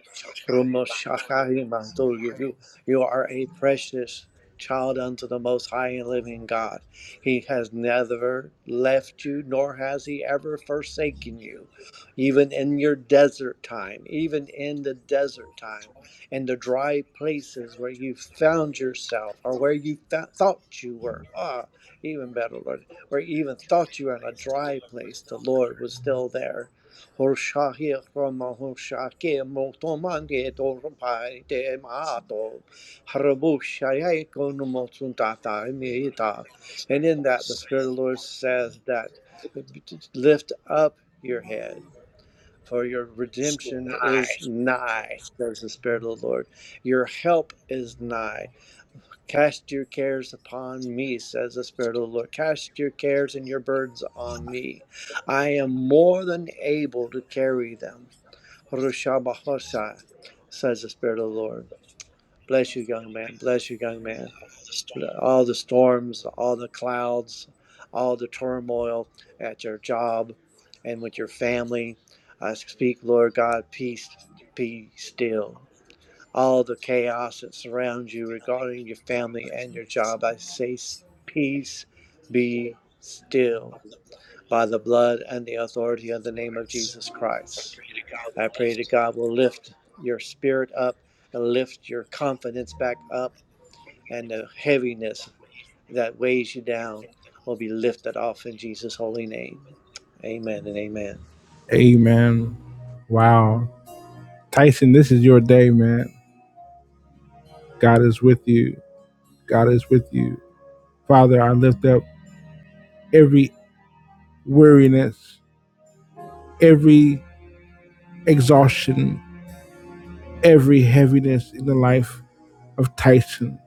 Romoshakarimanto, You you- are a precious child unto the Most High and Living God. He has never left you, nor has He ever forsaken you, even in your desert time, even in the desert time, in the dry places where you found yourself or where you thou- thought you were. Ah, even better, Lord. Or even thought you were in a dry place, the Lord was still there. And in that, the Spirit of the Lord says that lift up your head. For your redemption is nigh, says the Spirit of the Lord. Your help is nigh. Cast your cares upon me, says the Spirit of the Lord. Cast your cares and your burdens on me. I am more than able to carry them. Rushabahosha, says the Spirit of the Lord. Bless you, young man. Bless you, young man. All the storms, all the clouds, all the turmoil at your job and with your family. I speak, Lord God, peace, be still all the chaos that surrounds you regarding your family and your job. I say, Peace be still by the blood and the authority of the name of Jesus Christ. I pray that God will lift your spirit up and lift your confidence back up, and the heaviness that weighs you down will be lifted off in Jesus' holy name. Amen and amen. Amen. Wow. Tyson, this is your day, man. God is with you. God is with you. Father, I lift up every weariness, every exhaustion, every heaviness in the life of Tyson.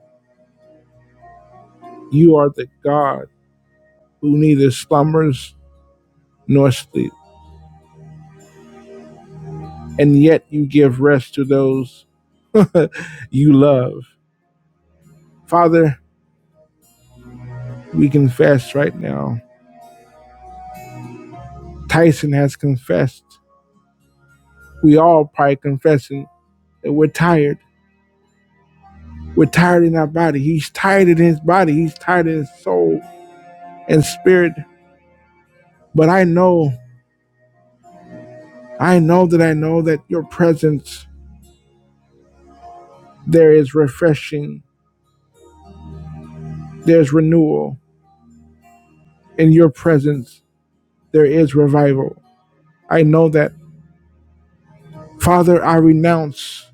You are the God who neither slumbers nor sleeps, and yet you give rest to those you love. Father, we confess right now. Tyson has confessed. We all probably confessing that we're tired. We're tired in our body. He's tired in his body. He's tired in his soul and spirit. But I know, I know that I know that your presence, there is refreshing, there's renewal. In your presence, there is revival. I know that. Father, I renounce.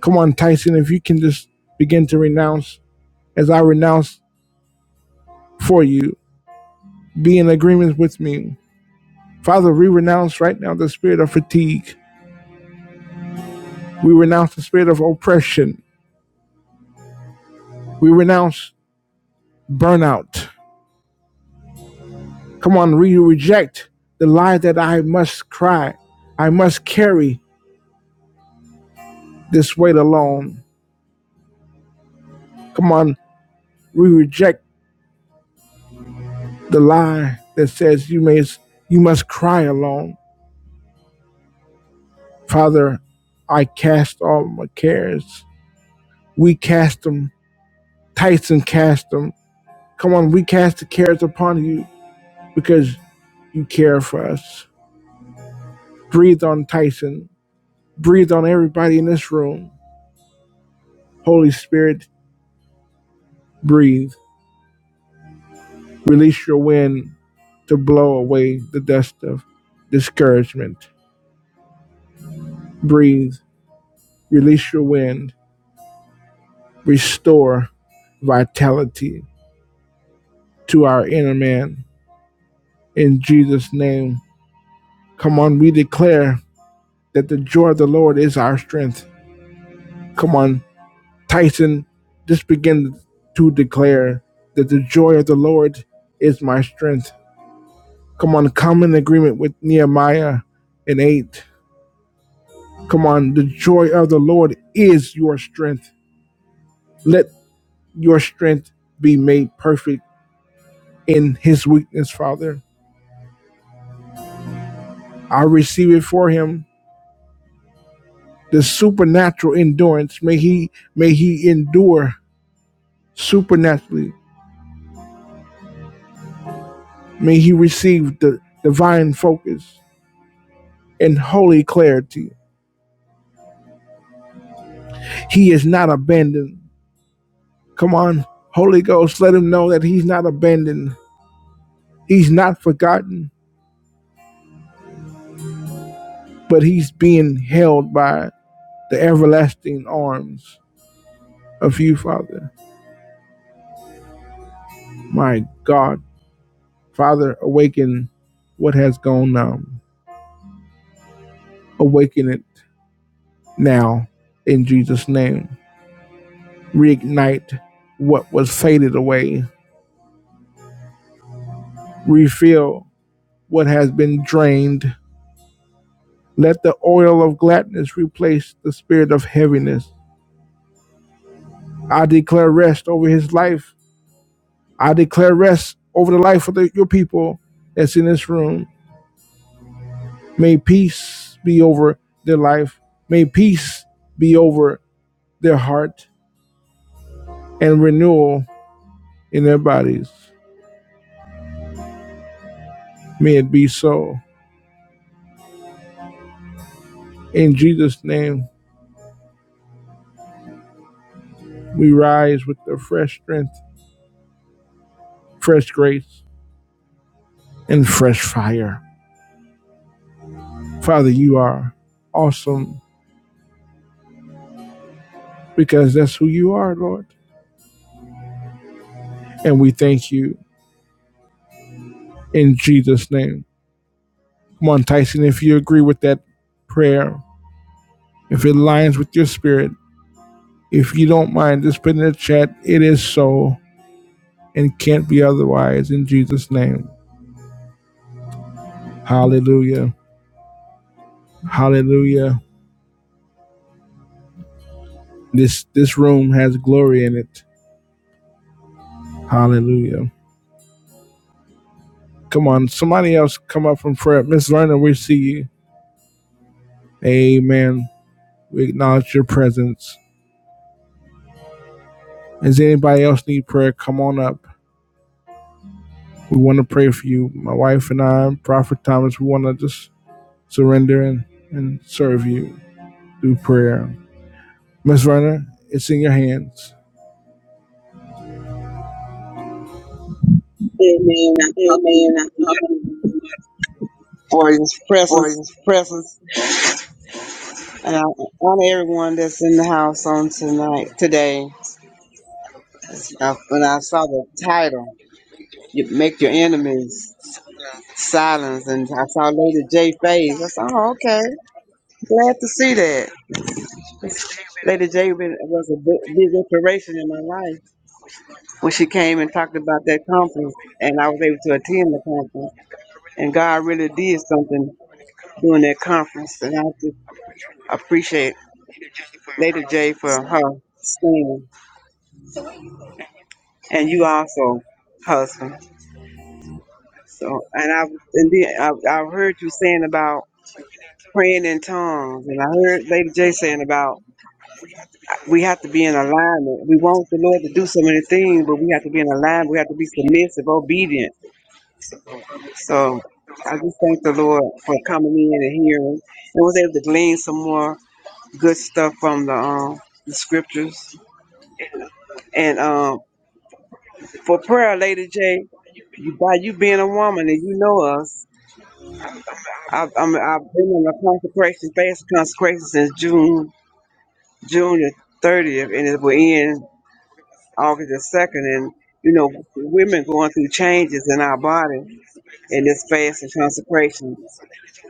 Come on, Tyson, if you can just begin to renounce as I renounce for you, be in agreement with me. Father, we renounce right now the spirit of fatigue. We renounce the spirit of oppression. We renounce burnout. Come on, re- you reject the lie that I must cry. I must carry this weight alone. Come on, we reject the lie that says you may you must cry alone. Father, I cast all my cares. We cast them. Tyson cast them. Come on, we cast the cares upon you because you care for us. Breathe on Tyson. Breathe on everybody in this room. Holy Spirit, breathe. Release your wind to blow away the dust of discouragement. Breathe, release your wind, restore vitality to our inner man. In Jesus' name, come on, we declare that the joy of the Lord is our strength. Come on, Tyson, just begin to declare that the joy of the Lord is my strength. Come on, come in agreement with Nehemiah in 8 Come on, the joy of the Lord is your strength. Let your strength be made perfect in his weakness, Father. I receive it for him. The supernatural endurance. May he may he endure supernaturally. May he receive the divine focus and holy clarity. He is not abandoned. Come on, Holy Ghost, let him know that he's not abandoned. He's not forgotten, but he's being held by the everlasting arms of you, Father. My God, Father, awaken what has gone um, awaken it now in Jesus' name. Reignite what was faded away. Refill what has been drained. Let the oil of gladness replace the spirit of heaviness. I declare rest over his life. I declare rest over the life of the, your people that's in this room. May peace be over their life. May peace be over their heart and renewal in their bodies. May it be so. In Jesus' name, we rise with the fresh strength, fresh grace, and fresh fire. Father, you are awesome because that's who you are, Lord. And we thank you in Jesus' name. Come on, Tyson, if you agree with that prayer, if it aligns with your spirit, if you don't mind, just put in the chat, it is so and can't be otherwise in Jesus' name. Hallelujah. Hallelujah. This this room has glory in it. Hallelujah. Come on, somebody else come up from prayer. Miss Lerner, we see you. Amen. We acknowledge your presence. Does anybody else need prayer? Come on up. We want to pray for you. My wife and I, Prophet Thomas, we want to just surrender and, and serve you through prayer. Miss Lerner, it's in your hands. Amen. Amen. I honor you For his For presence. his presence, and I honor everyone that's in the house on tonight, today. Uh, When I saw the title, you make your enemies silence, and I saw Lady J face. I said, "Oh, okay, glad to see that." Lady J been- was a big, big inspiration in my life when she came and talked about that conference, and I was able to attend the conference. And God really did something during that conference, and I just appreciate Lady J for her singing, and you also, husband. So, and I and then I, I heard you saying about praying in tongues, and I heard Lady J saying about we have to be in alignment. We want the Lord to do so many things, but we have to be in alignment. We have to be submissive, obedient. So, I just thank the Lord for coming in and hearing, and was able to glean some more good stuff from the um the scriptures. And um, for prayer, Lady J. You, by you being a woman and you know us, I've, I'm, I've been on a consecration, fast consecration since June, June the 30th, and it will end August the 2nd. And, you know, women going through changes in our body in this fast and consecration.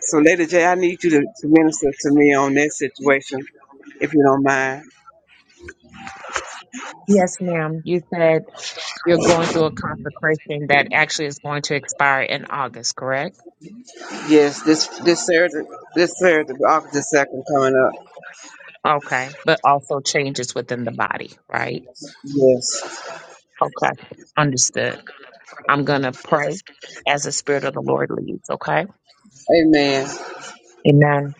So, Lady J, I need you to, to minister to me on that situation, if you don't mind. Yes, ma'am. You said you're going through a consecration that actually is going to expire in August, correct? Yes, this this Saturday, this Saturday, August the second, coming up. Okay. But also changes within the body, right? Yes, Okay. Understood. I'm going to pray as the Spirit of the Lord leads, okay? Amen. Yes, Amen.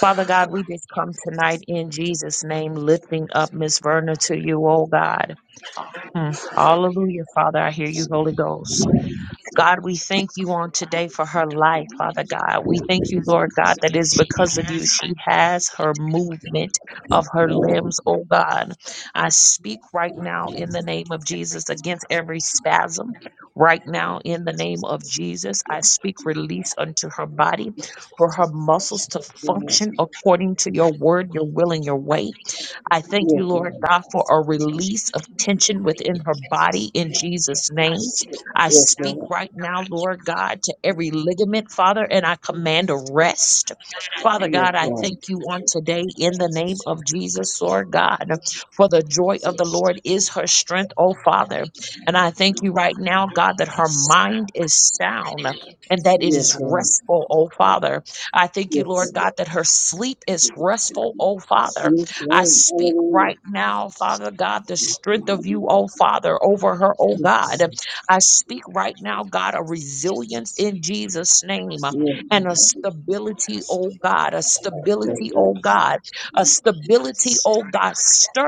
Father God, we just come tonight in Jesus' name, lifting up Miss Verna to you, oh God. Hmm. Hallelujah, Father. I hear you, Holy Ghost. God, we thank you on today for her life, Father God. We thank you, Lord God, that it is because of you she has her movement of her limbs, oh God. I speak right now in the name of Jesus against every spasm. Right now, in the name of Jesus, I speak release unto her body for her muscles to Lord. function according to your word, your will, and your way. I thank you, Lord God, for a release of tension within her body in Jesus' name. I Yes, speak Lord. right now, Lord God, to every ligament, Father, and I command a rest. Father Yes, God, I Lord. thank you on today in the name of Jesus, Lord God, for the joy of the Lord is her strength, oh Father. And I thank you right now, God, that her mind is sound. And that Yes, it is Lord. restful, oh Father. I thank you, Yes, Lord Lord. God, that her sleep is restful, oh Father. Yes, I Lord. speak Hallelujah. right now, Father God, the strength of you, oh Father, over her, oh God. I speak right now, God, a resilience in Jesus' name uh, Yes, and a stability, oh God, a yes, stability, oh Lord. God, a stability, oh God.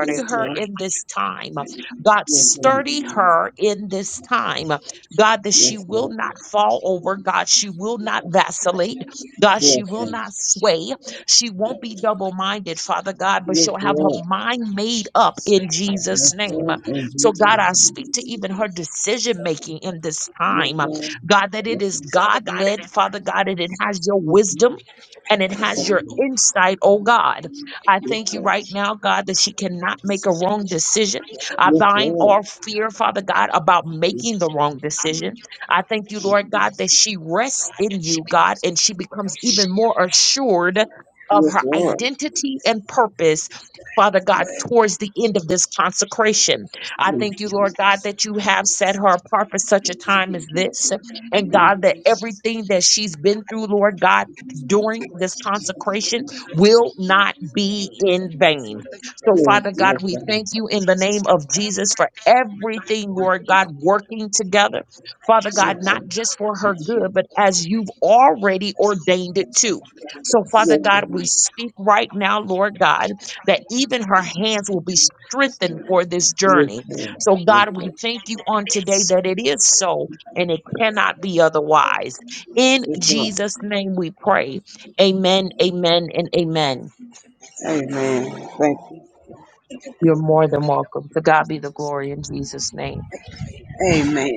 Yes, her Lord. in this time. uh, God, Yes, Lord. sturdy her in this time. uh, God, that she Yes, will Lord. not fall over. God, she will not vacillate. God, she Yes, will Lord. not sway. She won't be double minded, Father God, but Yes, she'll have her Lord. mind made up in Jesus' name. Lord and So, Jesus. God, I speak to even her decision making in this Yes, time, uh, Lord. God, that it is God led, Father God, and it has your wisdom. And it has your insight, oh God. I thank you right now, God, that she cannot make a wrong decision. I Yes, bind Lord. all fear, Father God, about making the wrong decision. I thank you, Lord God, that she rests in you, God, and she becomes even more assured of Yes, her Lord. identity and purpose, Father God, towards the end of this consecration. I thank you, Lord God, that you have set her apart for such a time as this. And God, that everything that she's been through, Lord God, during this consecration will not be in vain. So, Yes, Father yes, God, we Lord. thank you in the name of Jesus for everything, Lord God, working together. Father God, not just for her good, but as you've already ordained it too. So, Father Yes, Lord. Yes, God, we speak right now, Lord God, that even her hands will be strengthened for this journey. Lord. So, Yes, God, we thank you on today that it is so and it cannot be otherwise. In yes, Lord. Jesus' name we pray. Amen, amen, and amen. Amen. Thank you. You're more than welcome. To God be the glory in Jesus' name. Amen.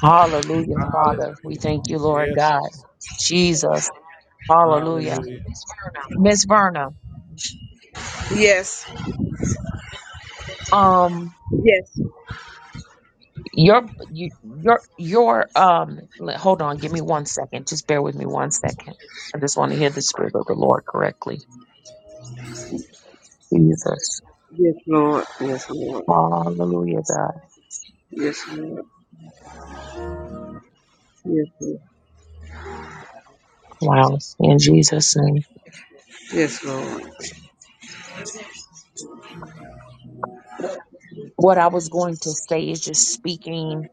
Hallelujah, Hallelujah. Father. We thank you, Lord Yes. God. Jesus. Hallelujah. Hallelujah. Miss Verna, Yes. um, Yes. your you- your your um le- hold on, give me one second. Just bear with me one second. I just want to hear the spirit of the Lord correctly. Jesus. Yes, Lord. Yes, Lord. Hallelujah, God. Yes, Lord. Yes, Lord. Wow. In Jesus' name. Yes, Lord. What I was going to say is just speaking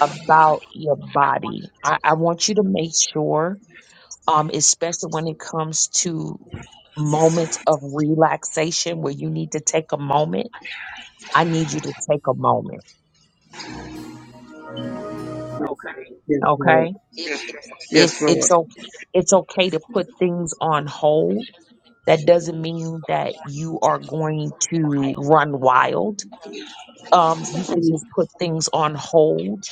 about your body. I, I want you to make sure, um, especially when it comes to moments of relaxation where you need to take a moment. I need you to take a moment. Yes, Lord. Okay. It, Yes, it's, Lord. o- it's okay to put things on hold. That doesn't mean that you are going to run wild um, you could just put things on hold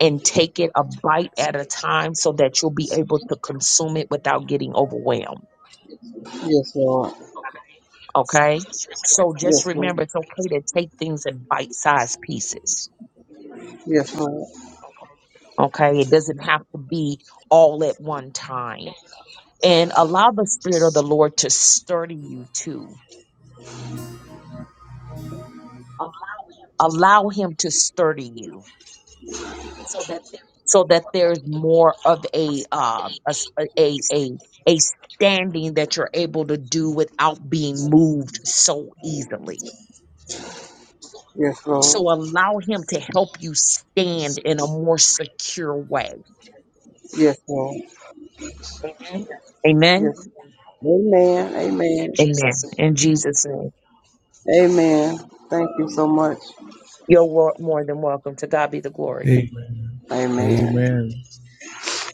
and take it a bite at a time so that you'll be able to consume it without getting overwhelmed. Yes, Lord. Okay. So just Yes, Lord. remember it's okay to take things in bite sized pieces. Yes, Lord. Okay. It doesn't have to be all at one time. And allow the Spirit of the Lord to sturdy you too. Allow Him to sturdy you so that there's more of a uh a s- a a, a a standing that you're able to do without being moved so easily. Yes, So Lord. allow him to help you stand in a more secure way. Yes, Lord. Yes. Amen. Amen. Amen. Amen. In Jesus' name. Amen. Thank you so much. You're wor- more than welcome. To God be the glory. Amen. Amen. Amen.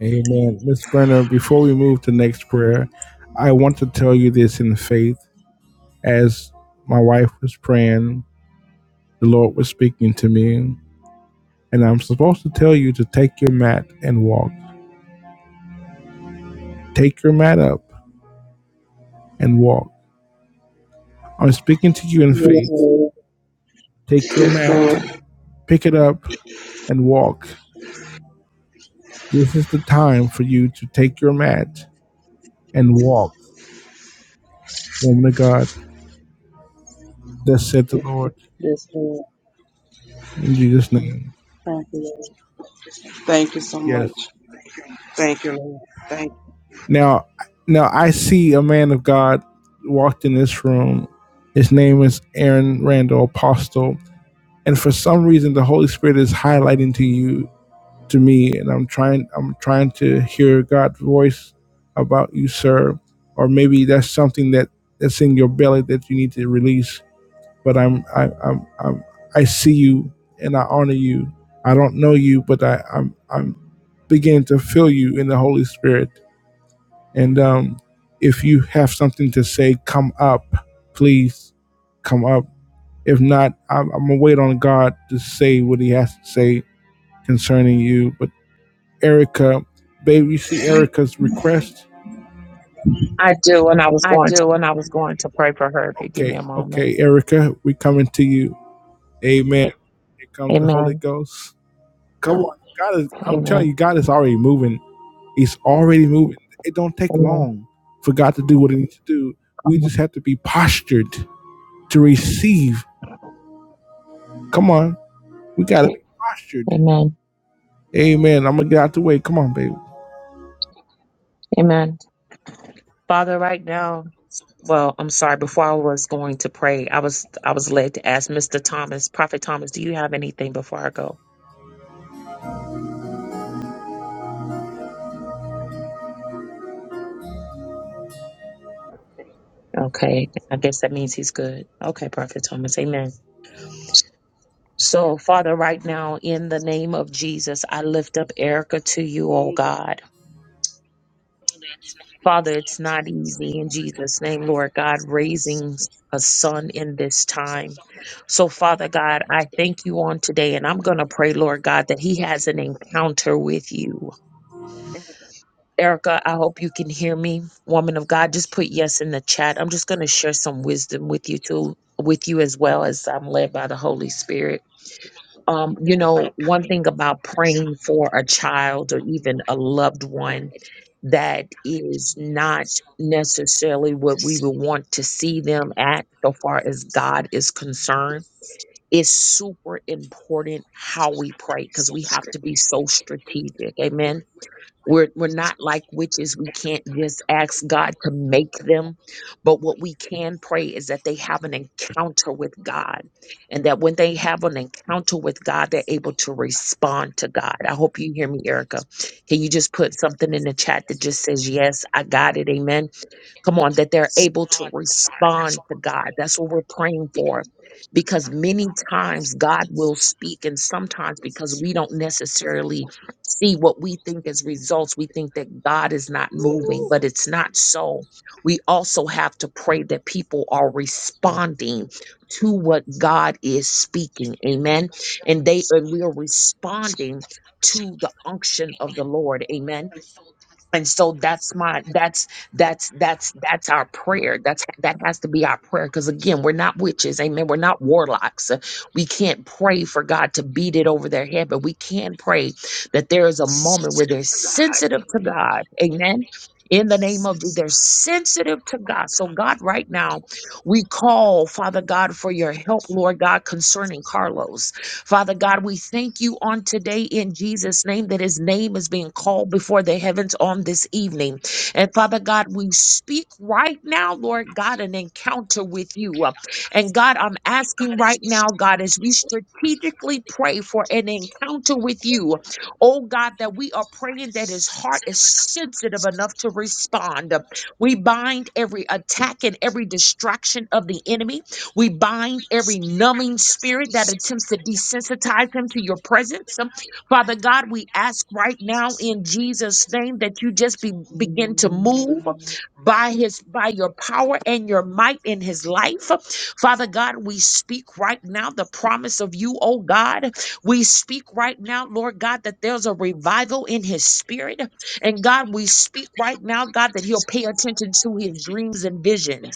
Amen. Miss Brenner, before we move to next prayer, I want to tell you this in faith. As my wife was praying, the Lord was speaking to me, and I'm supposed to tell you to take your mat and walk. Take your mat up and walk. I'm speaking to you in Yes, faith. Lord. Take your Yes, Lord. mat, pick it up, and walk. This is the time for you to take your mat and walk, woman of God. Thus said the Lord Yes, Lord. in Jesus' name. Thank you, Lord. Thank you so Yes. much. Thank you, Lord. Thank. Now, now I see a man of God walked in this room. His name is Aaron Randall Apostle, and for some reason, the Holy Spirit is highlighting to you, to me, and I'm trying, I'm trying to hear God's voice about you, sir, or maybe that's something that that's in your belly that you need to release. But I'm, I, I'm, I'm, I see you, and I honor you. I don't know you, but I, I'm, I'm beginning to feel you in the Holy Spirit and um, if you have something to say, come up, please come up. If not, I'm, I'm gonna wait on God to say what He has to say concerning you. But Erica, baby, you see Erica's request. I do, and I was going to pray for her if you give me Okay, a moment. okay, Erica, we coming to you. Amen. Here comes the Holy Amen. Ghost. Come on, God is. I'm telling Amen. you, God is already moving. He's already moving. It don't take Amen. long for God to do what He needs to do. We Come on. just have to be postured to receive Come on. We got to be postured. Amen. Amen. I'm going to get out the way. Come on, baby. Amen. Father, right now. Well, I'm sorry. Before I was going to pray, I was I was led to ask Mr. Thomas, Prophet Thomas, do you have anything before I go? Okay, I guess that means he's good. Okay, Prophet Thomas, Amen. So, Father, right now, in the name of Jesus, I lift up Erica to you, oh God. Father, it's not easy in Jesus' name, Lord God, raising a son in this time. So, Father God, I thank you on today, and I'm going to pray, Lord God, that he has an encounter with you. Erica, I hope you can hear me. Woman of God, just put yes in the chat. I'm just going to share some wisdom with you too, with you as well as I'm led by the Holy Spirit. Um, you know, one thing about praying for a child or even a loved one that is not necessarily what we would want to see them at so far as God is concerned is super important how we pray because we have to be so strategic. Amen we're, we're not like witches. We can't just ask God to make them. But what we can pray is that they have an encounter with God. And that when they have an encounter with God, they're able to respond to God. I hope you hear me, Erica. Can you just put something in the chat that just says, Yes, I got it? Amen. Come on, that they're able to respond to God. That's what we're praying for. Because many times God will speak, and sometimes because we don't necessarily see what we think as results, we think that God is not moving, but it's not so. We also have to pray that people are responding to what God is speaking. Amen. And they and we are responding to the unction of the Lord. Amen and so that's my that's that's that's that's our prayer that's that has to be our prayer because again we're not witches amen we're not warlocks Uh, we can't pray for god to beat it over their head but we can pray that there is a moment where they're sensitive to god amen in the name of Jesus, they're sensitive to God. So, God, right now, we call, Father God, for your help, Lord God, concerning Carlos. Father God, we thank you on today in Jesus' name that his name is being called before the heavens on this evening. And Father God, we speak right now, Lord God, an encounter with you. And God, I'm asking right now, God, as we strategically pray for an encounter with you, oh God, that we are praying that his heart is sensitive enough to respond. We bind every attack and every distraction of the enemy. We bind every numbing spirit that attempts to desensitize him to your presence. Father God, we ask right now in Jesus' name that you just be, begin to move by his by your power and your might in his life. Father God, we speak right now the promise of you, oh God. We speak right now, Lord God, that there's a revival in his spirit. And God, we speak right now, God, that he'll pay attention to his dreams and visions.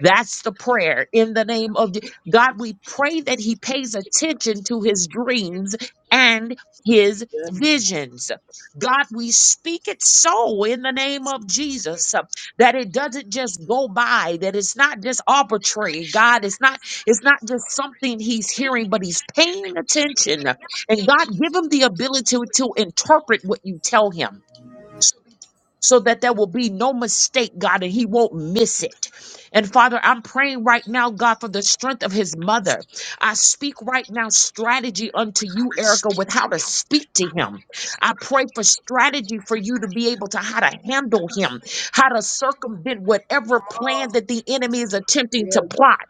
That's the prayer in the name of Je- God. We pray that he pays attention to his dreams and his visions. God, we speak it so in the name of Jesus uh, that it doesn't just go by, that it's not just arbitrary. God, it's not, it's not just something he's hearing, but he's paying attention. And God, give him the ability to interpret what you tell him so that there will be no mistake, God, and he won't miss it. And Father, I'm praying right now, God, for the strength of his mother. I speak right now strategy unto you, Erica, with how to speak to him. I pray for strategy for you to be able to how to handle him, how to circumvent whatever plan that the enemy is attempting to plot.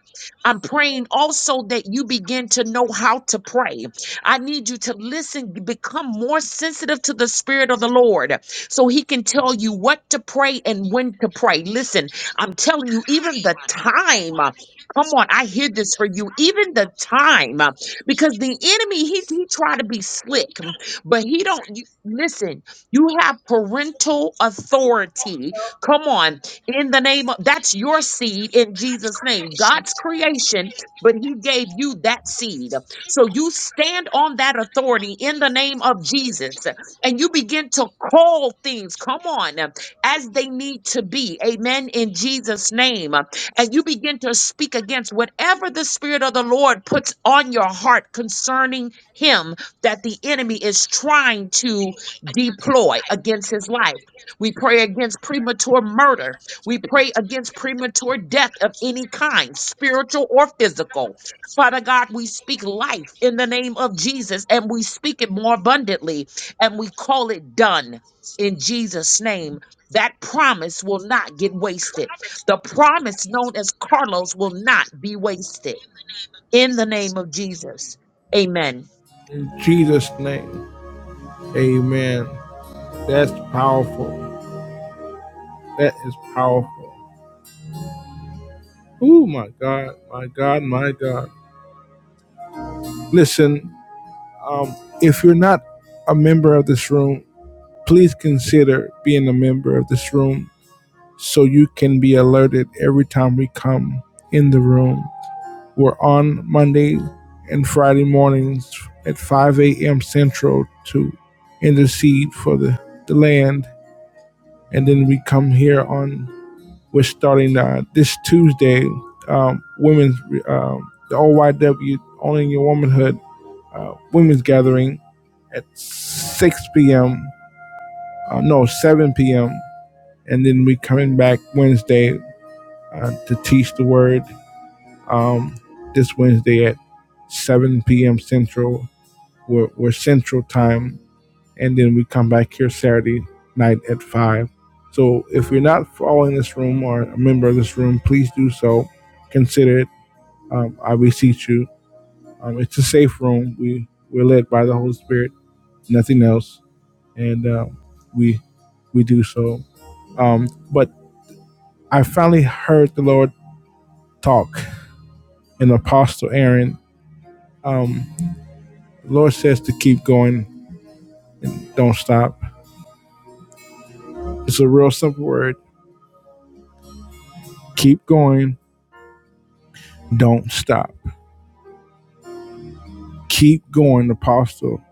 I'm praying also that you begin to know how to pray. I need you to listen, become more sensitive to the Spirit of the Lord so he can tell you what to pray and when to pray. Listen, I'm telling you, even the time. uh, Come on, I hear this for you. Even the time, uh, because the enemy he he try to be slick, mm, but he don't. You, listen, you have parental authority. Come on, in the name of that's your seed in Jesus' name, God's creation, but He gave you that seed, so you stand on that authority in the name of Jesus and you begin to call things, come on, uh, as they need to be. Amen. In Jesus' name. Uh, And you begin to speak against whatever the Spirit of the Lord puts on your heart concerning Him that the enemy is trying to deploy against His life. We pray against premature murder. We pray against premature death of any kind, spiritual or physical. Father God, we speak life in the name of Jesus and we speak it more abundantly and we call it done in Jesus' name. That promise will not get wasted. The promise known as Carlos will not be wasted in the name of Jesus. Amen. In Jesus' name. Amen. That's powerful. That is powerful. Oh, my God. My God. My God. Listen, um, if you're not a member of this room, please consider being a member of this room so you can be alerted every time we come in the room. We're on Monday and Friday mornings at 5 a.m. Central to intercede for the, the land. And then we come here on, we're starting uh, this Tuesday, um, women's, um, the OYW, Only in Your Womanhood, uh, women's gathering at 6 p.m., uh, no, 7 p.m. And then we coming back Wednesday uh, to teach the word um, this Wednesday at 7 p.m. Central. We're, we're Central time, and then we come back here Saturday night at 5. So if you're not following this room or a member of this room, please do so. Consider it. Um, I beseech you. Um, it's a safe room. We we're led by the Holy Spirit, nothing else, and um, we we do so. Um, but I finally heard the Lord talk, and Apostle Aaron. Um, The Lord says to keep going and don't stop. It's a real simple word. Keep going, don't stop. Keep going, apostle.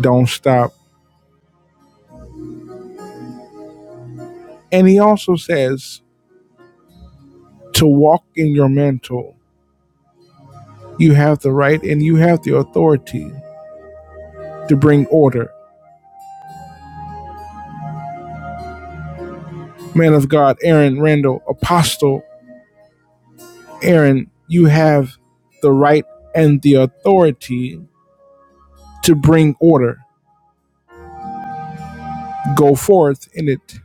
Don't stop. And he also says to walk in your mantle. You have the right and you have the authority to bring order. Man of God, Aaron Randall, apostle Aaron, you have the right and the authority to bring order. Go forth in it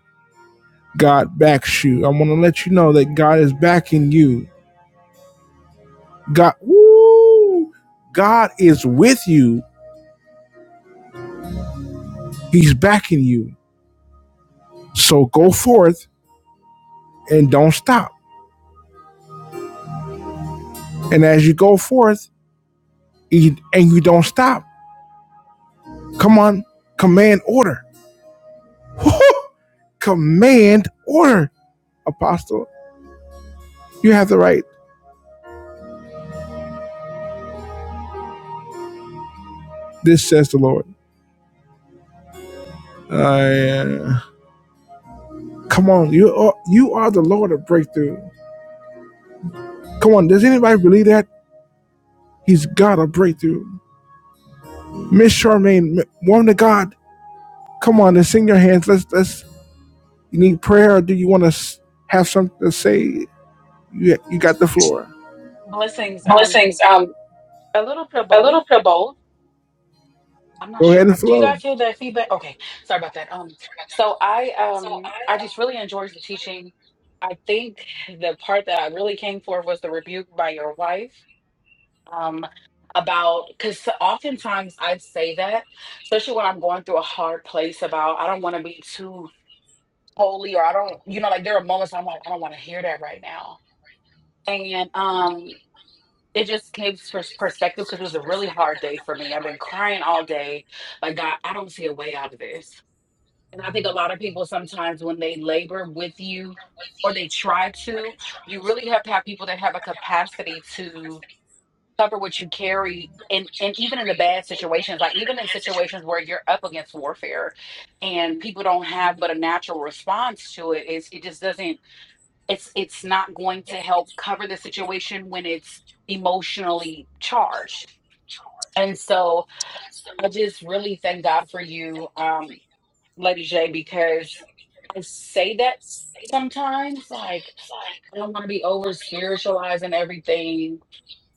God backs you. I want to let you know that God is backing you. God, woo, God is with you. He's backing you. So go forth and don't stop. And as you go forth and you don't stop, come on, command order. command order, Apostle. You have the right. This says the Lord. Uh, come on, you are you are the Lord of breakthrough. Come on, does anybody believe that? He's got a breakthrough. Miss Charmaine, woman of God, come on, and sing your hands. Let's let's. You need prayer, or do you want to have something to say? You you got the floor. Blessings. Um, a little bit of both. I'm not Go ahead sure. and Do you flow. guys hear that feedback? Okay, sorry about that. Um, so I um I just really enjoyed the teaching. I think the part that I really came for was the rebuke by your wife. Um, about because oftentimes I say that, especially when I'm going through a hard place about I don't want to be too holy or I don't, you know, like there are moments I'm like, I don't want to hear that right now. And um it just gave pers- perspective because it was a really hard day for me. I've been crying all day. Like, God, I don't see a way out of this. And I think a lot of people sometimes, when they labor with you or they try to, you really have to have people that have a capacity to cover what you carry. And, and even in the bad situations, like even in situations where you're up against warfare and people don't have but a natural response to it, it's, it just doesn't it's it's not going to help cover the situation when it's emotionally charged. And so I just really thank God for you, um, Lady J, because I say that sometimes, like I don't want to be over spiritualizing everything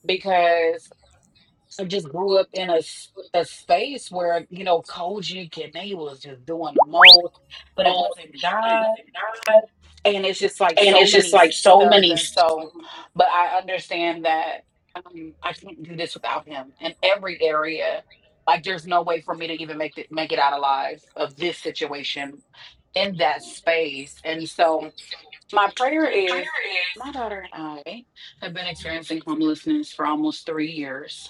because I just grew up in a s- a space where you know Kojic and they was just doing the most, but it wasn't God. and it's just like so many systems and so but i understand that um, i can't do this without him in every area like there's no way for me to even make it make it out alive of this situation in that space and so my prayer is my daughter and i have been experiencing homelessness for almost three years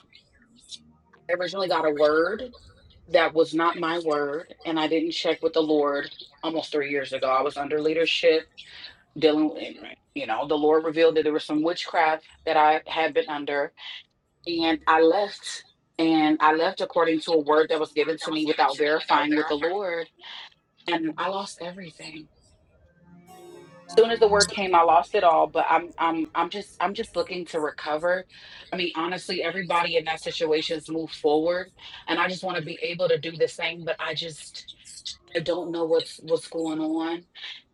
i originally got a word that was not my word and i didn't check with the lord almost three years ago i was under leadership dealing with, you know, the Lord revealed that there was some witchcraft that I had been under, and I left. And I left according to a word that was given to me without verifying with the Lord, and I lost everything. Soon as the word came, I lost it all. But I'm, I'm, I'm just, I'm just looking to recover. I mean, honestly, everybody in that situation's moved forward, and I just want to be able to do the same. But I just, I don't know what's what's going on,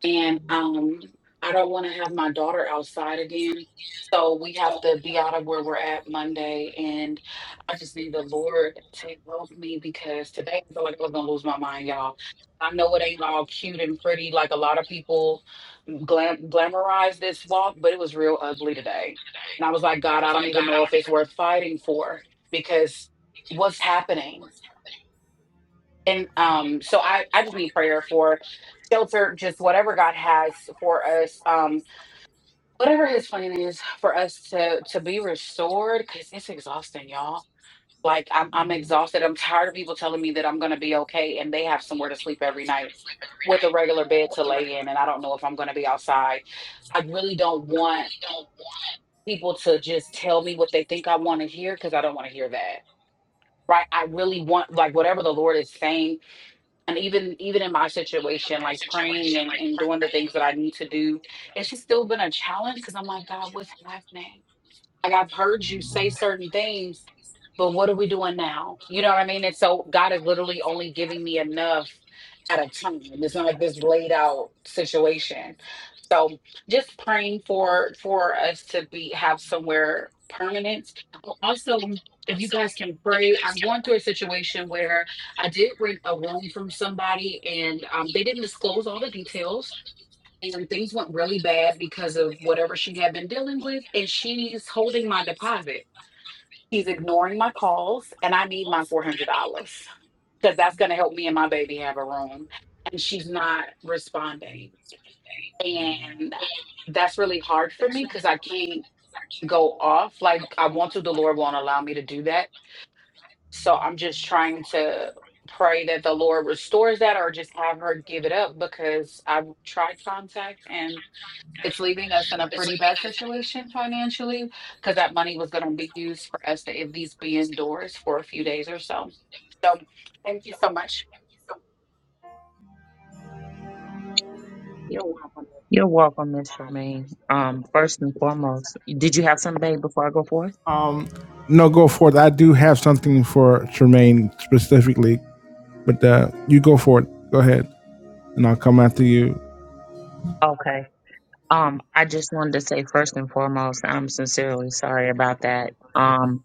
and um, I don't want to have my daughter outside again. So we have to be out of where we're at Monday, and I just need the Lord to help me because today I feel like I was gonna lose my mind, y'all. I know it ain't all cute and pretty like a lot of people glam- glamorize this walk, but it was real ugly today. And I was like, God, I don't even know if it's worth fighting for because what's happening? and um so i i just need prayer for shelter just whatever god has for us um whatever his plan is for us to to be restored because it's exhausting y'all like I'm, I'm exhausted i'm tired of people telling me that i'm gonna be okay and they have somewhere to sleep every night with a regular bed to lay in and i don't know if i'm gonna be outside i really don't want people to just tell me what they think i want to hear because i don't want to hear that right i really want like whatever the lord is saying and even even in my situation like praying and, and doing the things that i need to do it's just still been a challenge because i'm like god what's happening like I've heard you say certain things, but what are we doing now? You know what I mean? And so God is literally only giving me enough at a time. It's not like this laid out situation. So just praying for for us to be have somewhere permanent. Also, if you guys can pray, I'm going through a situation where I did rent a room from somebody and um, they didn't disclose all the details and things went really bad because of whatever she had been dealing with and she's holding my deposit she's ignoring my calls and i need my $400 because that's going to help me and my baby have a room and she's not responding and that's really hard for me because i can't go off like i want to the lord won't allow me to do that so i'm just trying to pray that the lord restores that or just have her give it up because i've tried contact and it's leaving us in a pretty bad situation financially because that money was going to be used for us to at least be indoors for a few days or so. So thank you so much. You're welcome, Miss Charmaine. Um, first and foremost, did you have something before I go forth? Um, no, go for it. I do have something for Charmaine specifically, but uh, you go for it. Go ahead, and I'll come after you. Okay. Um, I just wanted to say first and foremost, I'm sincerely sorry about that. Um,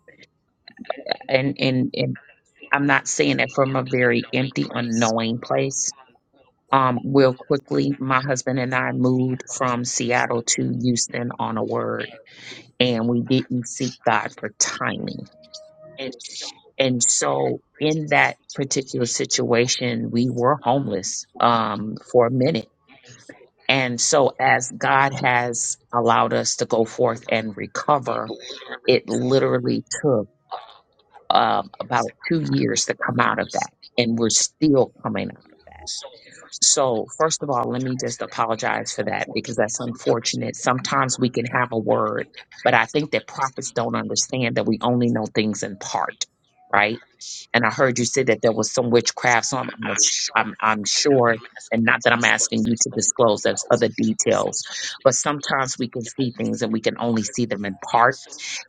and and and I'm not saying it from a very empty, unknowing place Um, real quickly, my husband and I moved from Seattle to Houston on a word, and we didn't seek God for timing. And so, in that particular situation, we were homeless um, for a minute. And so, as God has allowed us to go forth and recover, it literally took um, about two years to come out of that, and we're still coming out of that. So, first of all, let me just apologize for that because that's unfortunate. Sometimes we can have a word, but I think that prophets don't understand that we only know things in part, right? And I heard you say that there was some witchcraft, so I'm I'm, not sh- I'm, I'm sure, and not that I'm asking you to disclose those other details, but sometimes we can see things and we can only see them in part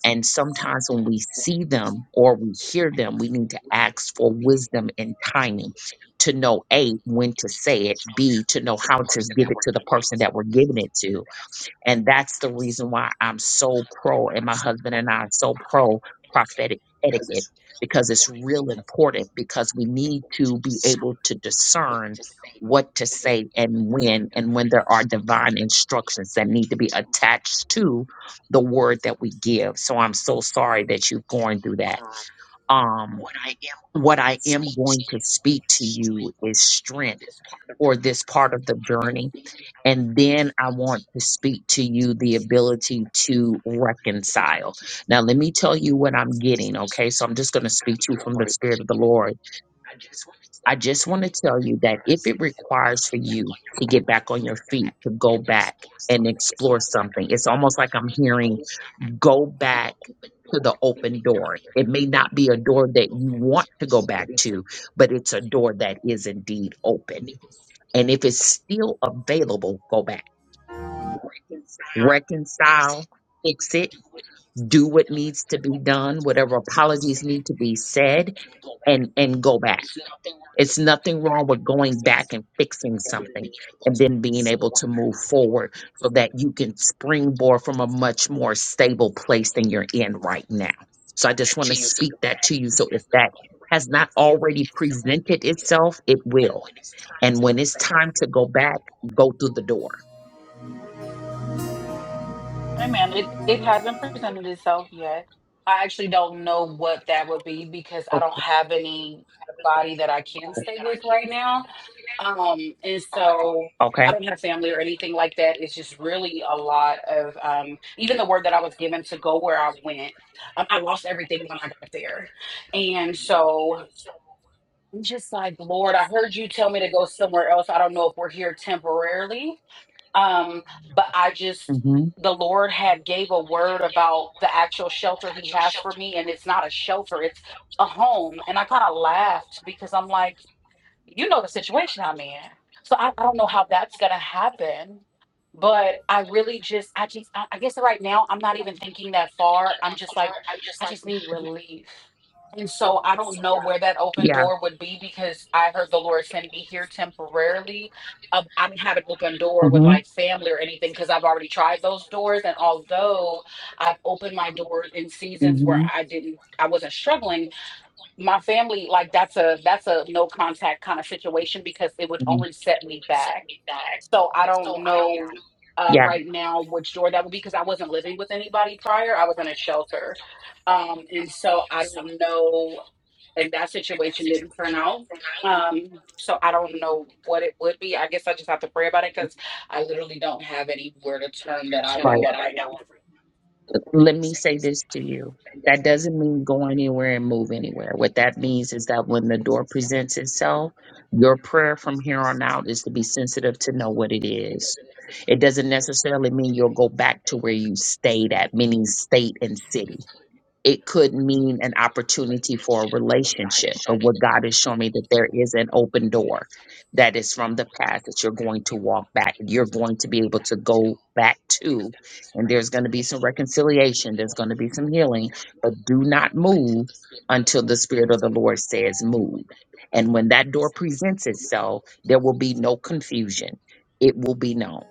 and sometimes when we see them or we hear them, we need to ask for wisdom and timing to know A, when to say it, B, to know how to give it to the person that we're giving it to, and that's the reason why I'm so pro, and my husband and I are so pro prophetic etiquette because it's real important because we need to be able to discern what to say and when, and when there are divine instructions that need to be attached to the word that we give. So I'm so sorry that you've gone through that. Um, what I am going to speak to you is strength for this part of the journey and then I want to speak to you the ability to reconcile. Now, let me tell you what I'm getting, okay? So I'm just going to speak to you from the Spirit of the Lord. I just want to tell you that if it requires for you to get back on your feet, to go back and explore something, it's almost like I'm hearing go back to the open door. It may not be a door that you want to go back to, but it's a door that is indeed open. And if it's still available, go back reconcile, fix it, do what needs to be done, whatever apologies need to be said, and and go back. It's nothing wrong with going back and fixing something and then being able to move forward so that you can springboard from a much more stable place than you're in right now. So I just want to speak that to you. So if that has not already presented itself, it will. And when it's time to go back, go through the door. Hey man, it, it hasn't presented itself yet. I actually don't know what that would be because I don't have anybody that I can Okay. stay with right now. Um, and so I Okay. don't have family or anything like that. It's just really a lot of um, even the word that I was given to go where I went. Um, I lost everything when I got there, and so I'm just like, Lord, I heard you tell me to go somewhere else. I don't know if we're here temporarily, um, but I just hmm the Lord had gave a word about the actual shelter He has for me, and it's not a shelter; it's a home. And I kind of laughed because I'm like you know the situation I'm in. So I, I don't know how that's gonna happen. But I really just I just I, I guess right now I'm not even thinking that far. I'm just like, I just need relief. And so I don't know where that open Yeah. door would be because I heard the Lord send me here temporarily. Um, I didn't have an open door with like family or anything because I've already tried those doors. And although I've opened my doors in seasons where Mhm. I didn't, I wasn't struggling, my family like that's a that's a no contact kind of situation because it would Mhm. only set me back so i don't know uh, Yeah, right now which door that would be because i wasn't living with anybody prior i was in a shelter um, and so i don't know and that situation didn't turn out um, so i don't know what it would be i guess i just have to pray about it because i literally don't have anywhere to turn that i know right. of right now Let me say this to you. That doesn't mean go anywhere and move anywhere. What that means is that when the door presents itself, your prayer from here on out is to be sensitive to know what it is. It doesn't necessarily mean you'll go back to where you stayed at, meaning state and city. it could mean an opportunity for a relationship. But what God is showing me that there is an open door that is from the past that you're going to walk back. You're going to be able to go back to, and there's going to be some reconciliation. There's going to be some healing, but do not move until the Spirit of the Lord says move. And when that door presents itself, there will be no confusion. It will be known.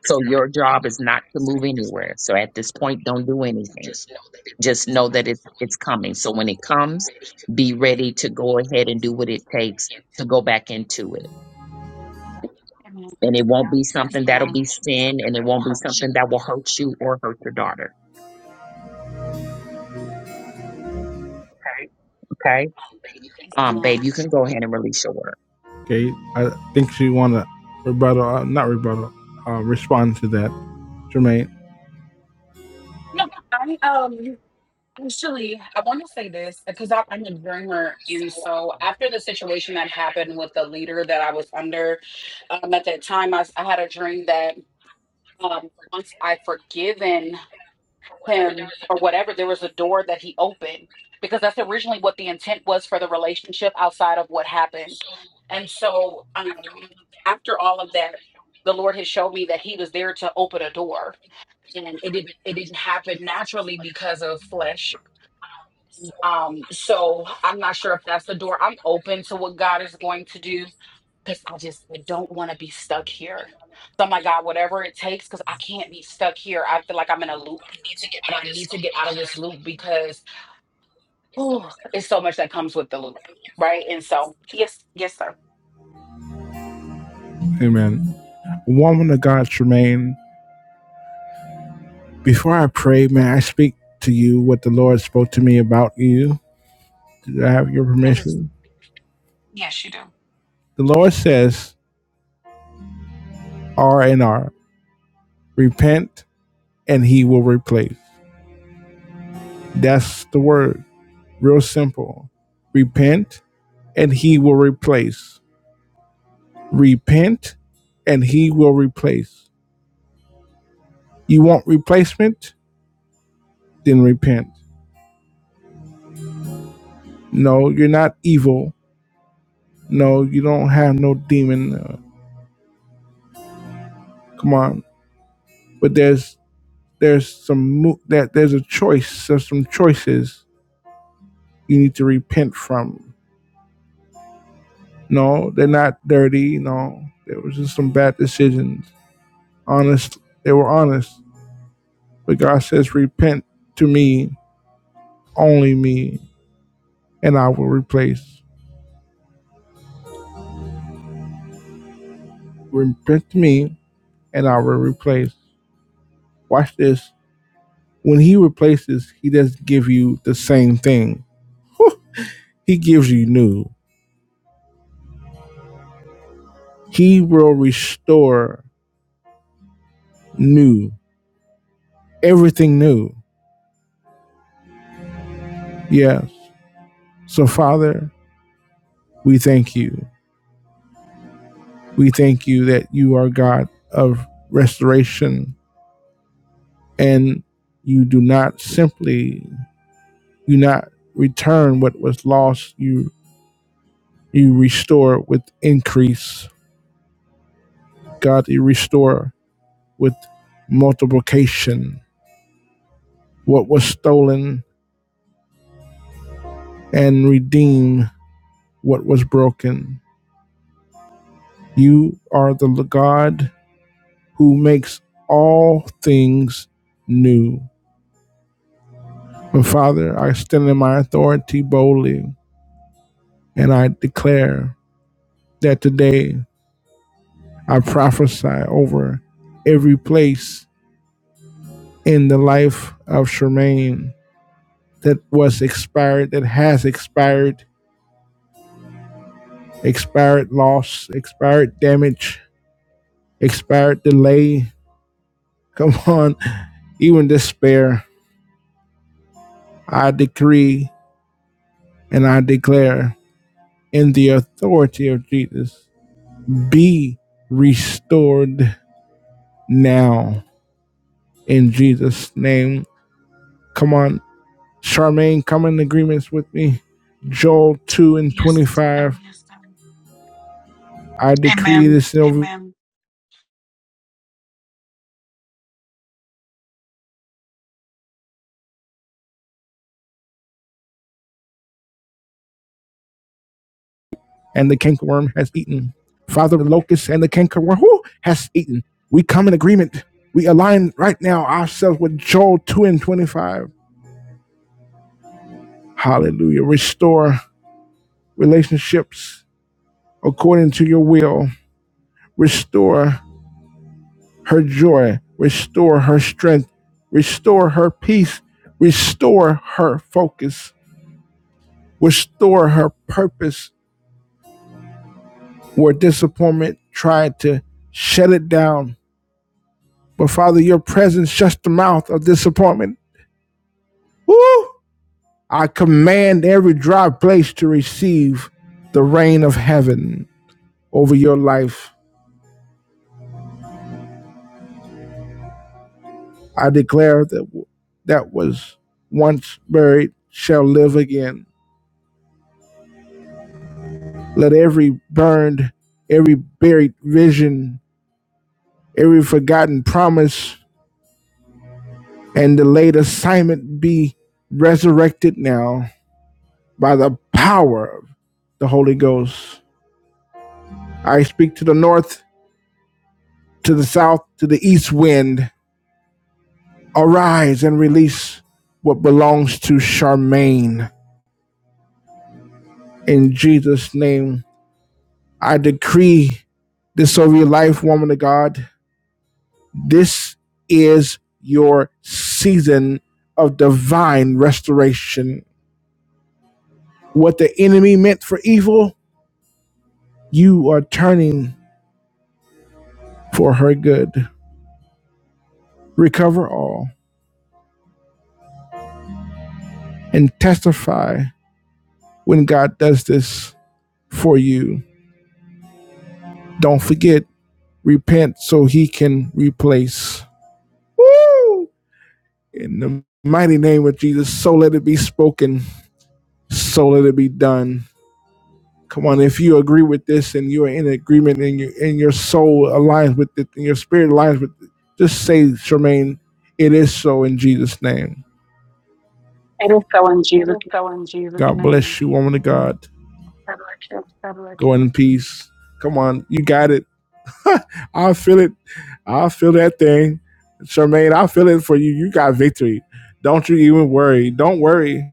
So your job is not to move anywhere. So at this point, don't do anything just know that it, it's coming. So when it comes, be ready to go ahead and do what it takes to go back into it. Amen. And it won't be yes something that'll ma'am be sin and it won't be something that will hurt you or hurt your daughter. Okay. yes Um, babe, ma'am you can go ahead and release your word. Okay, I think she want to rebuttal, uh, not rebuttal, uh, respond to that, Charmaine. no, I um Actually, I want to say this because I- I'm a dreamer. And so, after the situation that happened with the leader that I was under um, at that time, I, s- I had a dream that um, once I forgiven him or whatever, there was a door that he opened because that's originally what the intent was for the relationship outside of what happened. And so, um, after all of that, the Lord has showed me that he was there to open a door. And it didn't it didn't happen naturally because of flesh um, so I'm not sure if that's the door. I'm open to what God is going to do because I just I don't want to be stuck here. So I'm like, God, whatever it takes, because I can't be stuck here. I feel like I'm in a loop and I need to get out of this loop because oh, it's so much that comes with the loop, right? And so, yes, yes, sir. Amen. Woman of God, Charmaine. before I pray, may I speak to you what the Lord spoke to me about you? Do I have your Yes. permission? Yes, you do. The Lord says, R and R, repent and he will replace. That's the word. Real simple. Repent and he will replace. Repent and he will replace. You want replacement? Then repent. No, you're not evil. No, you don't have no demon. Uh, come on. But there's there's some that there's a choice of some choices you need to repent from no they're not dirty no there was just some bad decisions honest they were honest but god says repent to me only me and i will replace repent to me and i will replace watch this when he replaces he doesn't give you the same thing he gives you new he will restore new everything new yes So, Father, we thank you. We thank you that you are God of restoration and you do not simply, you not return what was lost. You, you restore with increase. God, you restore with multiplication what was stolen and redeem what was broken. You are the God who makes all things new. But Father, I stand in my authority boldly, and I declare that today I prophesy over every place in the life of Charmaine that was expired, that has expired, expired loss, expired damage, expired delay. Come on, even despair. I decree and I declare in the authority of Jesus be restored now in Jesus' name. Come on, Charmaine, come in agreements with me. Joel 2 and 25. Yes, sir. I decree Amen. the silver Amen. and the cankerworm has eaten. Father, the locust and the cankerworm who has eaten. We come in agreement. We align right now ourselves with Joel 2 and 25. Hallelujah. Restore relationships according to your will. Restore her joy, restore her strength, restore her peace, restore her focus, restore her purpose where disappointment tried to shut it down. But Father, your presence shuts the mouth of disappointment. Woo! I command every dry place to receive the rain of heaven over your life. I declare that that was once buried shall live again. Let every burned, every buried vision, every forgotten promise, and delayed assignment be resurrected now by the power of the Holy Ghost. I speak to the north, to the south, to the east wind. Arise and release what belongs to Charmaine. In Jesus' name, I decree this over your life, woman of God. This is your season of divine restoration. What the enemy meant for evil, you are turning for her good. Recover all and testify when God does this for you. Don't forget, repent so he can replace. Woo! In the mighty name of Jesus, so let it be spoken, so let it be done. Come on, if you agree with this and you are in agreement and you and your soul aligns with it and your spirit aligns with it, just say, Charmaine, it is so in Jesus' name. It is so in Jesus' God name. bless you, woman of God. God bless Go you. in peace. Come on, you got it. I feel it. I feel that thing. Charmaine, I feel it for you. You got victory. Don't you even worry. Don't worry.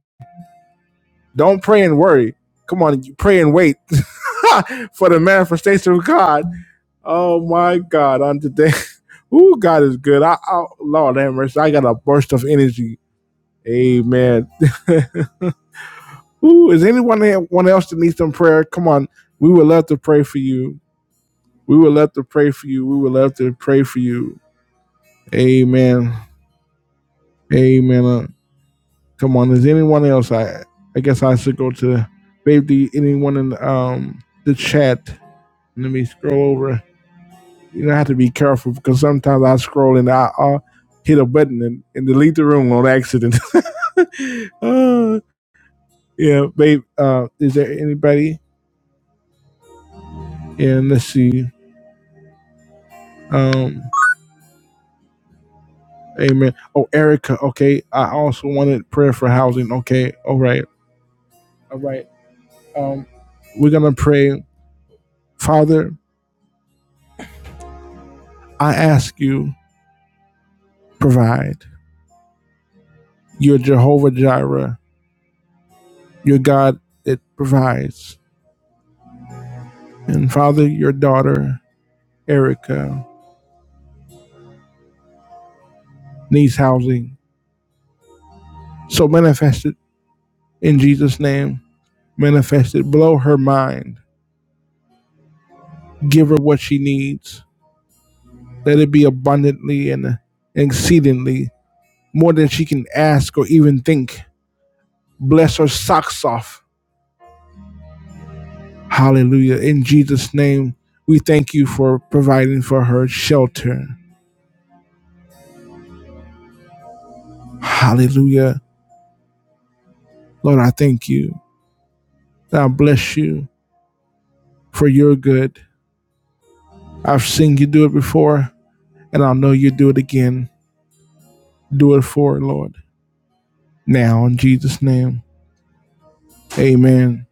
Don't pray and worry. Come on, you pray and wait for the manifestation of God. Oh my God! On today, ooh, God is good. I, I Lord have mercy. I got a burst of energy. Amen. ooh, is anyone anyone else that needs some prayer? Come on, we would love to pray for you. We would love to pray for you. We would love to pray for you. Amen. Amen. Uh, come on, is anyone else? I I guess I should go to maybe anyone in um the chat. Let me scroll over. you know, I have to be careful because sometimes I scroll and I, I'll hit a button and, and delete the room on accident. uh, yeah, babe. Uh, is there anybody? Yeah, let's see. Um, amen. Oh, Erica. Okay, I also wanted prayer for housing. Okay, all right, all right. Um, we're gonna pray. Father, I ask you provide. You're Jehovah Jireh. You're God that provides. And Father, your daughter Erica needs housing So manifest it in Jesus' name. Manifest it. Blow her mind. Give her what she needs. Let it be abundantly and exceedingly more than she can ask or even think. Bless her socks off. Hallelujah. In Jesus' name, we thank you for providing for her shelter. Hallelujah. Lord, I thank you. And I bless you for your good. I've seen you do it before, and I know you do it again. Do it for her, Lord. Now, in Jesus' name. Amen.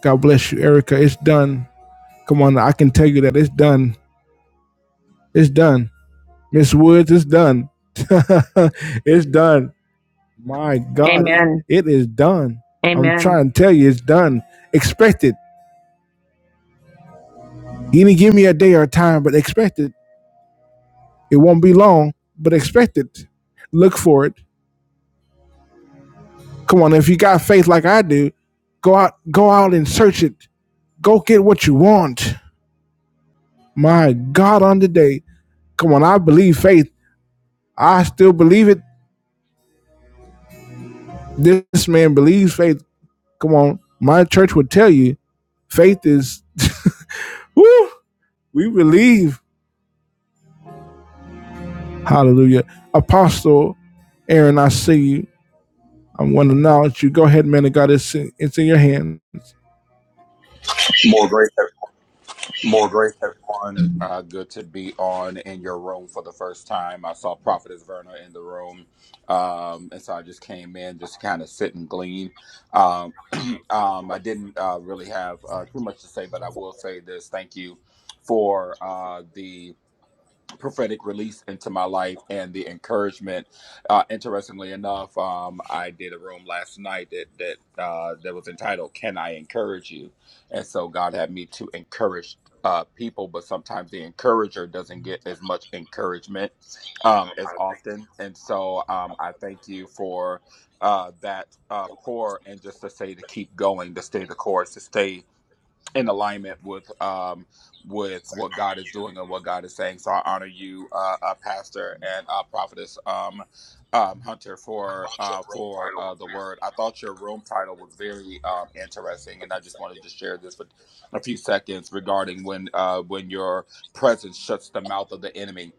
God bless you, Erica. It's done. Come on, I can tell you that it's done. It's done. Miss Woods, it's done. it's done. My God, Amen. it is done. I'm Amen. trying to tell you, it's done. Expect it. He didn't give me a day or a time, but expect it. It won't be long, but expect it. Look for it. Come on, if you got faith like I do, go out, go out and search it. Go get what you want. My God, on the day. Come on, I believe faith. I still believe it. This man believes faith. Come on, my church would tell you faith is. woo, we believe. Hallelujah, Apostle Aaron. I see you. I want to acknowledge you. Go ahead, man of God. It's in, it's in your hands. More grace, everyone. Uh, good to be on in your room for the first time. I saw Prophetess Verna in the room, um, and so I just came in just to kind of sit and glean. Um, um, I didn't uh, really have uh, too much to say, but I will say this: thank you for uh, the prophetic release into my life and the encouragement. Uh, interestingly enough, um, I did a room last night that that uh, that was entitled "Can I Encourage You?" And so God had me to encourage uh, people, but sometimes the encourager doesn't get as much encouragement um, as often. And so um, I thank you for uh, that uh, pour and just to say to keep going, to stay the course, to stay in alignment with um with what God is doing and what God is saying. So I honor you, uh, uh Pastor and uh, Prophetess um, um Hunter for uh for uh the word. I thought your room title was very um interesting, and I just wanted to share this for a few seconds regarding when uh when your presence shuts the mouth of the enemy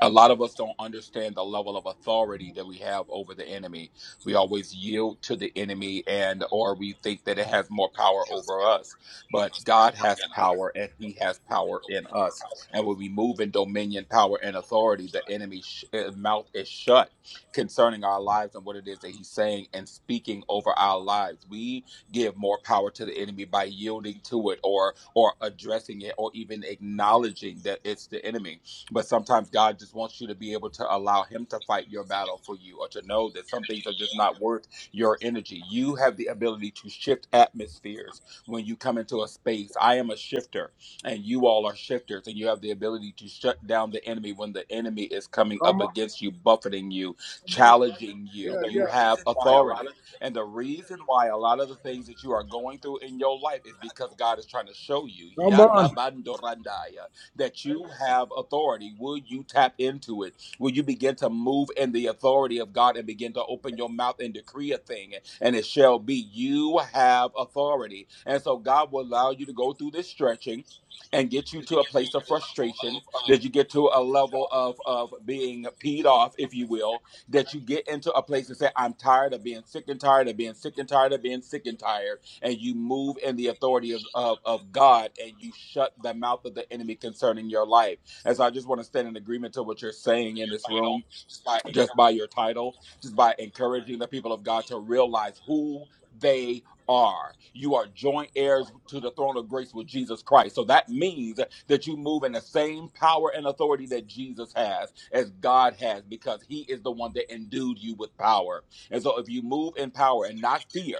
a lot of us don't understand the level of authority that we have over the enemy we always yield to the enemy and or we think that it has more power over us but god has power and he has power in us and when we move in dominion power and authority the enemy's sh- uh, mouth is shut concerning our lives and what it is that he's saying and speaking over our lives we give more power to the enemy by yielding to it or or addressing it or even acknowledging that it's the enemy but sometimes God just wants you to be able to allow Him to fight your battle for you or to know that some things are just not worth your energy. You have the ability to shift atmospheres when you come into a space. I am a shifter, and you all are shifters, and you have the ability to shut down the enemy when the enemy is coming up Come on, against you, buffeting you, challenging you. You yeah. have authority. And the reason why a lot of the things that you are going through in your life is because God is trying to show you. Come Yada on, bandorandaya that you have authority? Will you tap into it? Will you begin to move in the authority of God and begin to open your mouth and decree a thing? And it shall be. You have authority. And so God will allow you to go through this stretching and get you to a place of frustration that you get to a level of of being peed off if you will that you get into a place and say i'm tired of being sick and tired of being sick and tired of being sick and tired and you move in the authority of, of, of God and you shut the mouth of the enemy concerning your life. And so I just want to stand in agreement to what you're saying in this room, just by your title, just by encouraging the people of God to realize who they are. You are joint heirs to the throne of grace with Jesus Christ. So that means that you move in the same power and authority that Jesus has, as God has, because he is the one that endued you with power. And so if you move in power and not fear,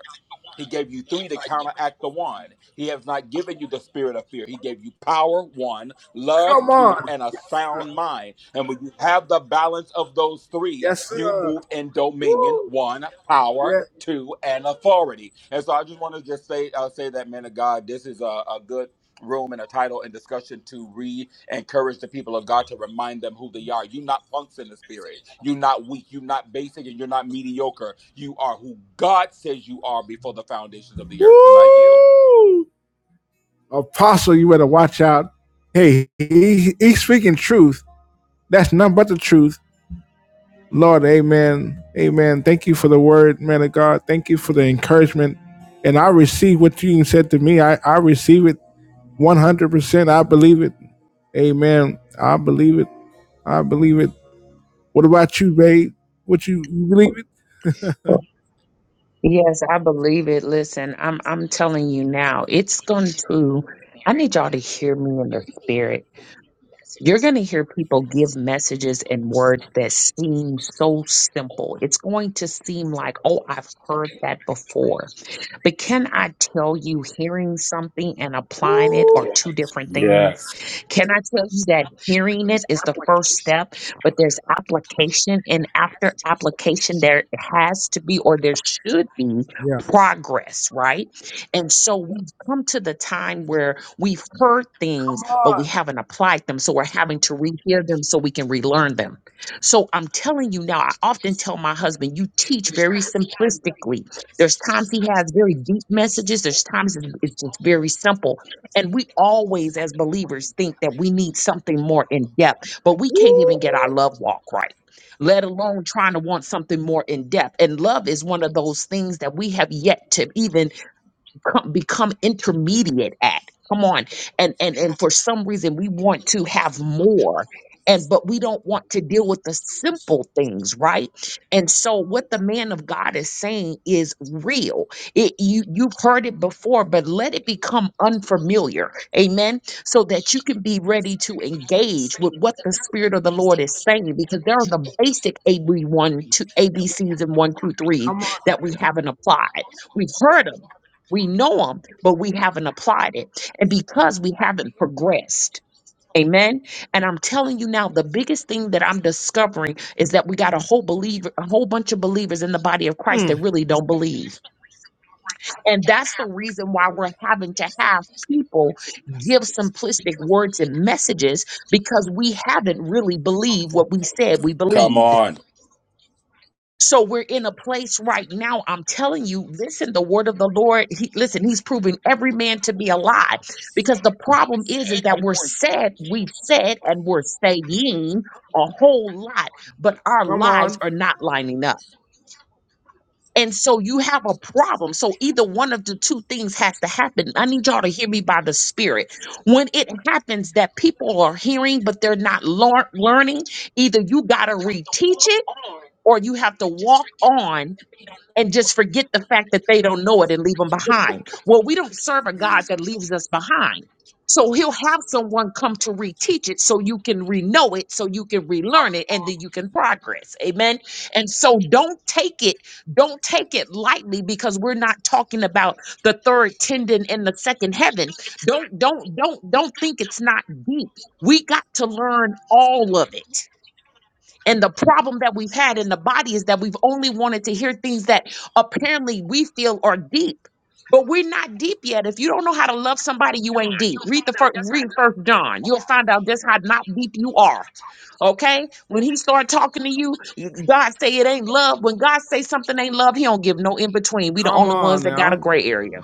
he gave you three to counteract the one. He has not given you the spirit of fear. He gave you power, one, love, two, and a sound mind. And when you have the balance of those three, you move in dominion, one, power, yeah. two, and authority. And so I just want to just say, uh, say that, man of God, this is a, a good room and a title and discussion to re-encourage the people of God to remind them who they are. You're not punks in the spirit. You're not weak. You're not basic and you're not mediocre. You are who God says you are before the foundations of the earth and not you. Woo, Apostle, you better watch out. Hey, he, he's speaking truth. That's nothing but the truth Lord, amen. Amen. Thank you for the word, man of God. Thank you for the encouragement. And I receive what you said to me. I, I receive it 100%. I believe it. Amen. I believe it. I believe it. What about you, babe? What you, you believe it? Yes, I believe it. Listen, I'm I'm telling you now, it's going to I need y'all to hear me in the spirit. you're going to hear people give messages and words that seem so simple. It's going to seem like, oh, I've heard that before. But can I tell you, hearing something and applying it are two different Yes. things? Can I tell you that hearing it is the first step, but there's application, and after application, there has to be or there should be Yeah. progress, right? And so we've come to the time where we've heard things, but we haven't applied them. So we're having to rehear them so we can relearn them. So I'm telling you now, I often tell my husband, you teach very simplistically there's times he has very deep messages. There's times it's it's just very simple. And we always, as believers, think that we need something more in depth, but we can't even get our love walk right, let alone trying to want something more in depth. And love is one of those things that we have yet to even become, become intermediate at come on and and and for some reason we want to have more and but we don't want to deal with the simple things right and so what the man of god is saying is real it, you you've heard it before but let it become unfamiliar amen so that you can be ready to engage with what the spirit of the lord is saying because there are the basic ab1 two A B Cs and one two threes that we haven't applied we've heard heard them. We know them, but we haven't applied it. And because we haven't progressed, amen. And I'm telling you now, the biggest thing that I'm discovering is that we got a whole believer, a whole bunch of believers in the body of Christ that really don't believe. And that's the reason why we're having to have people give simplistic words and messages because we haven't really believed what we said we Come believed. on. So we're in a place right now. I'm telling you, listen, the word of the Lord, he, listen, he's proving every man to be a lie because the problem is, is that we're said, we've said, and we're saying a whole lot, but our Come lives on. are not lining up. And so you have a problem. So either one of the two things has to happen. I need y'all to hear me by the spirit. When it happens that people are hearing, but they're not lear- learning, either you got to reteach it or you have to walk on and just forget the fact that they don't know it and leave them behind. Well, we don't serve a God that leaves us behind. So he'll have someone come to reteach it so you can reknow it, so you can relearn it, and then you can progress. Amen. And so don't take it, don't take it lightly because we're not talking about the third tendon in the second heaven. Don't, don't, don't, don't think it's not deep. We got to learn all of it. And the problem that we've had in the body is that we've only wanted to hear things that apparently we feel are deep. But we're not deep yet. If you don't know how to love somebody, you ain't deep. Read the first read first John. You'll find out just how not deep you are. Okay? When he start talking to you, God say it ain't love. When God say something ain't love, he don't give no in between. We the Come only ones on that got a now. gray area.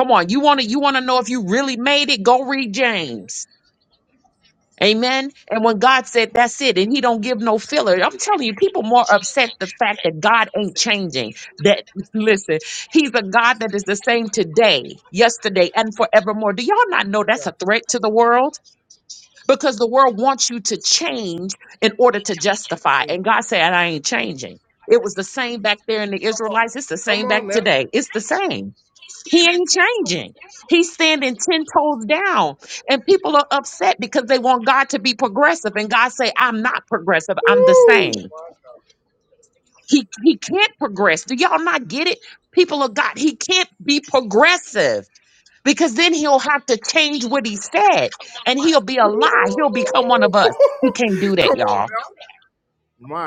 Come on, you want to you want to know if you really made it? Go read James. Amen. And when God said that's it, and He don't give no filler, I'm telling you, people more upset the fact that God ain't changing. That listen, He's a God that is the same today, yesterday, and forevermore. Do y'all not know that's Yeah. a threat to the world? Because the world wants you to change in order to justify. And God said, I ain't changing. It was the same back there in the Israelites. It's the Come same on back now. today. It's the same. He ain't changing. He's standing 10 toes down. And people are upset because they want God to be progressive. And God say, I'm not progressive. I'm the Woo. Woo. same. He, he can't progress. Do y'all not get it? People of God, he can't be progressive because then he'll have to change what he said and he'll be a lie. He'll become one of us. He can't do Come that, y'all.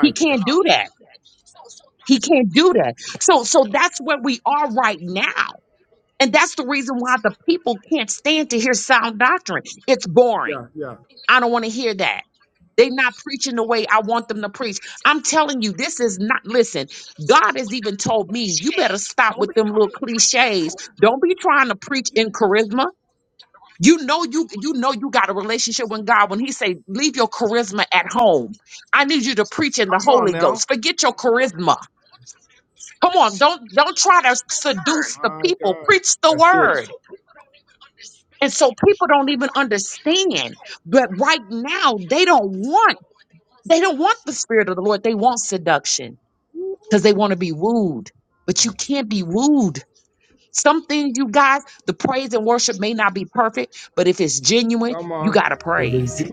He God. can't do that. He can't do that. So, so that's where we are right now. And that's the reason why the people can't stand to hear sound doctrine. It's Yeah, boring. yeah. I don't want to hear that. They're not preaching the way I want them to preach. I'm telling you, this is not, listen, God has even told me, you better stop with them little cliches. Don't be trying to preach in charisma. You know you you know you got a relationship with God when he say leave your charisma at home. I need you to preach in the Come on Holy now. Ghost. Forget your charisma. Come on, don't don't try to seduce the My people. God. Preach the That's it. word. And so people don't even understand. But right now, they don't want they don't want the spirit of the Lord. They want seduction because they want to be wooed. But you can't be wooed. Some things, you guys, the praise and worship may not be perfect, but if it's genuine, Come you on. gotta It was praise.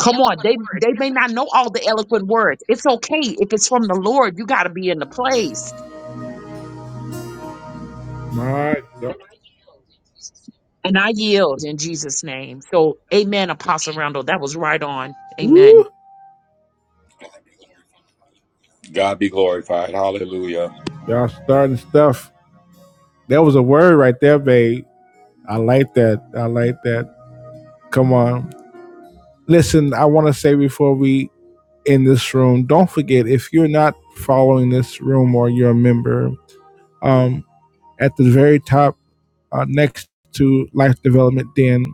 Come on, they they may not know all the eloquent words. It's okay if it's from the Lord. You gotta be in the place. All right. Y'all And I yield in Jesus' name. So, Amen, Apostle Randall. That was right on. Amen. Woo! God be glorified. Hallelujah. Y'all starting stuff. That was a word right there, babe. I like that. I like that. Come on. Listen, I want to say before we end this room, don't forget if you're not following this room or you're a member, um, at the very top, uh, next to Life Development Den,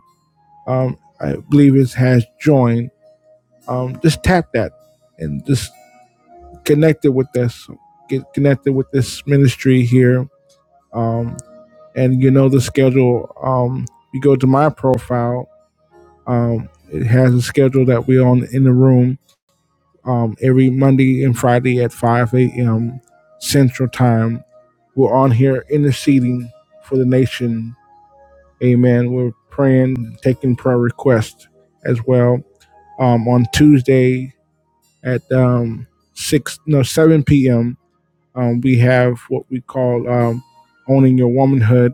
um, I believe it has joined. Um, just tap that and just connect it with this. Get connected with this ministry here. Um. and you know the schedule. Um, you go to my profile. Um, it has a schedule that we're on in the room um, every Monday and Friday at 5 a.m. Central Time. We're on here interceding for the nation. Amen. We're praying, taking prayer requests as well. Um, on Tuesday at um, six no seven p.m. Um, we have what we call um, owning your womanhood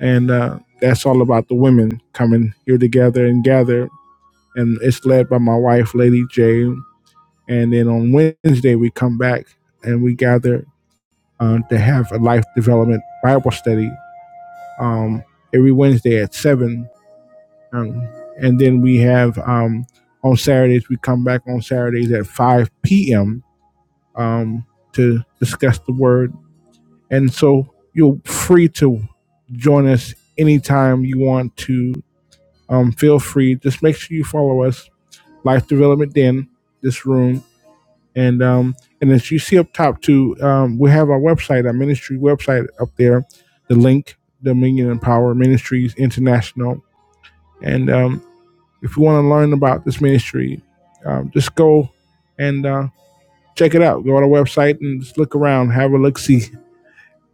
and uh, that's all about the women coming here together and gather. And it's led by my wife, Lady J. And then on Wednesday we come back and we gather uh, to have a life development Bible study um, every Wednesday at seven. Um, and then we have um, on Saturdays we come back on Saturdays at five p.m. Um, to discuss the Word. And so you're free to join us anytime you want to um, feel free. Just make sure you follow us, Life Development Den, this room. And um, and as you see up top too, um, we have our website, our ministry website up there, the link, Dominion and Power Ministries International. And um, if you want to learn about this ministry, um, just go and uh, check it out. Go on our website and just look around, have a look see,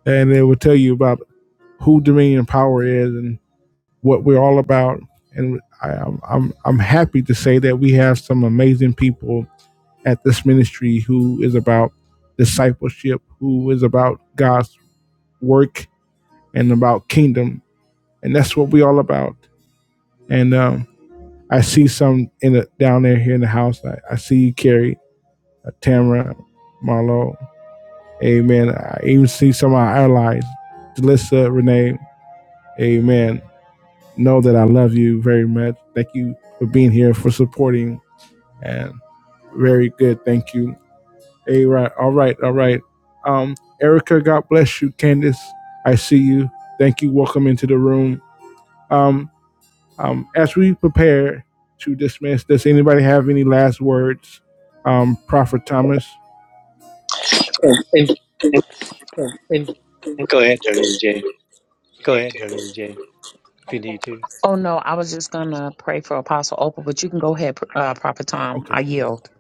and it will tell you about who Dominion and Power is and what we're all about. And I, I'm, I'm happy to say that we have some amazing people at this ministry who is about discipleship, who is about God's work and about kingdom, and that's what we are all about. And um, I see some in the, down there here in the house. I, I see Carrie, uh, Tamara, Marlo. Amen. I even see some of our allies, Delissa, Renee. Amen. Know that I love you very much. Thank you for being here, for supporting And very good, thank you. Hey, right, all right, all right. Um, Erica, God bless you. Candace, I see you. Thank you. Welcome into the room. Um, um, as we prepare to dismiss, does anybody have any last words? Um, Prophet Thomas. And go ahead, Darlene Jane, if you need to. Oh no, I was just gonna pray for Apostle Opal, but you can go ahead, uh, Prophet Tom. Okay. I yield.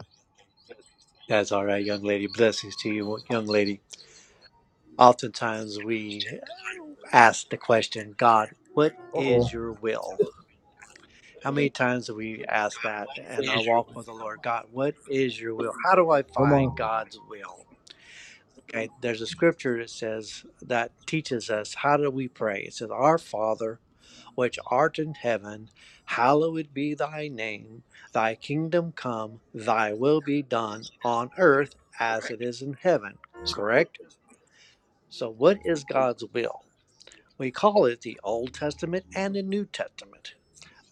That's all right, young lady. Blessings to you, young lady. Oftentimes we uh, ask the question, God, what Uh oh. is your will? How many times have we asked that in our walk with the Lord? God, what is your will? How do I Come find on. God's will? Okay, there's a scripture that says that teaches us how do we pray. It says, Our Father, which art in heaven, hallowed be thy name, thy kingdom come, thy will be done on earth as it is in heaven. Correct? So, what is God's will? We call it the Old Testament and the New Testament.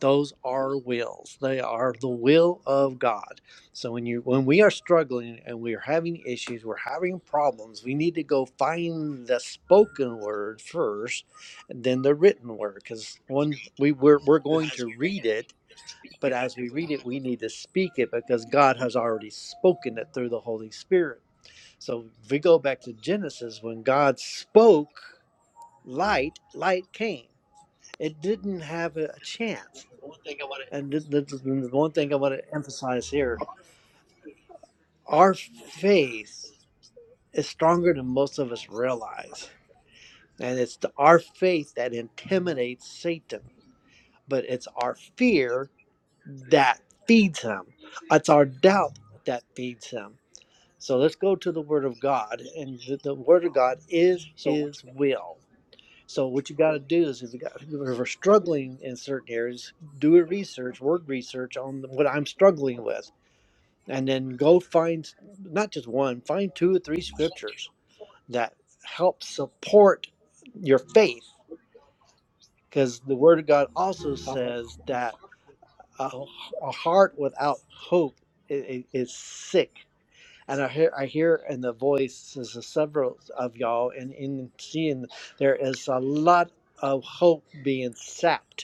Those are wills. They are the will of God. So when you when we are struggling and we are having issues, we're having problems, we need to go find the spoken word first, and then the written word. Because one we, we're we're going to read it, but as we read it, we need to speak it because God has already spoken it through the Holy Spirit. So if we go back to Genesis, when God spoke light, light came it didn't have a, chance. And th- th- the one thing I want to emphasize here our faith is stronger than most of us realize. And it's the, our faith that intimidates Satan, but it's our fear that feeds him, it's our doubt that feeds him. So let's go to the Word of God. And the, the Word of God is His will. So what you got to do is if you got if we're struggling in certain areas, do a research, word research on what I'm struggling with, and then go find not just one, find two or three scriptures that help support your faith, because the Word of God also says that a a heart without hope i- is sick. And I hear, I hear in the voices of several of y'all, and in seeing there is a lot of hope being sapped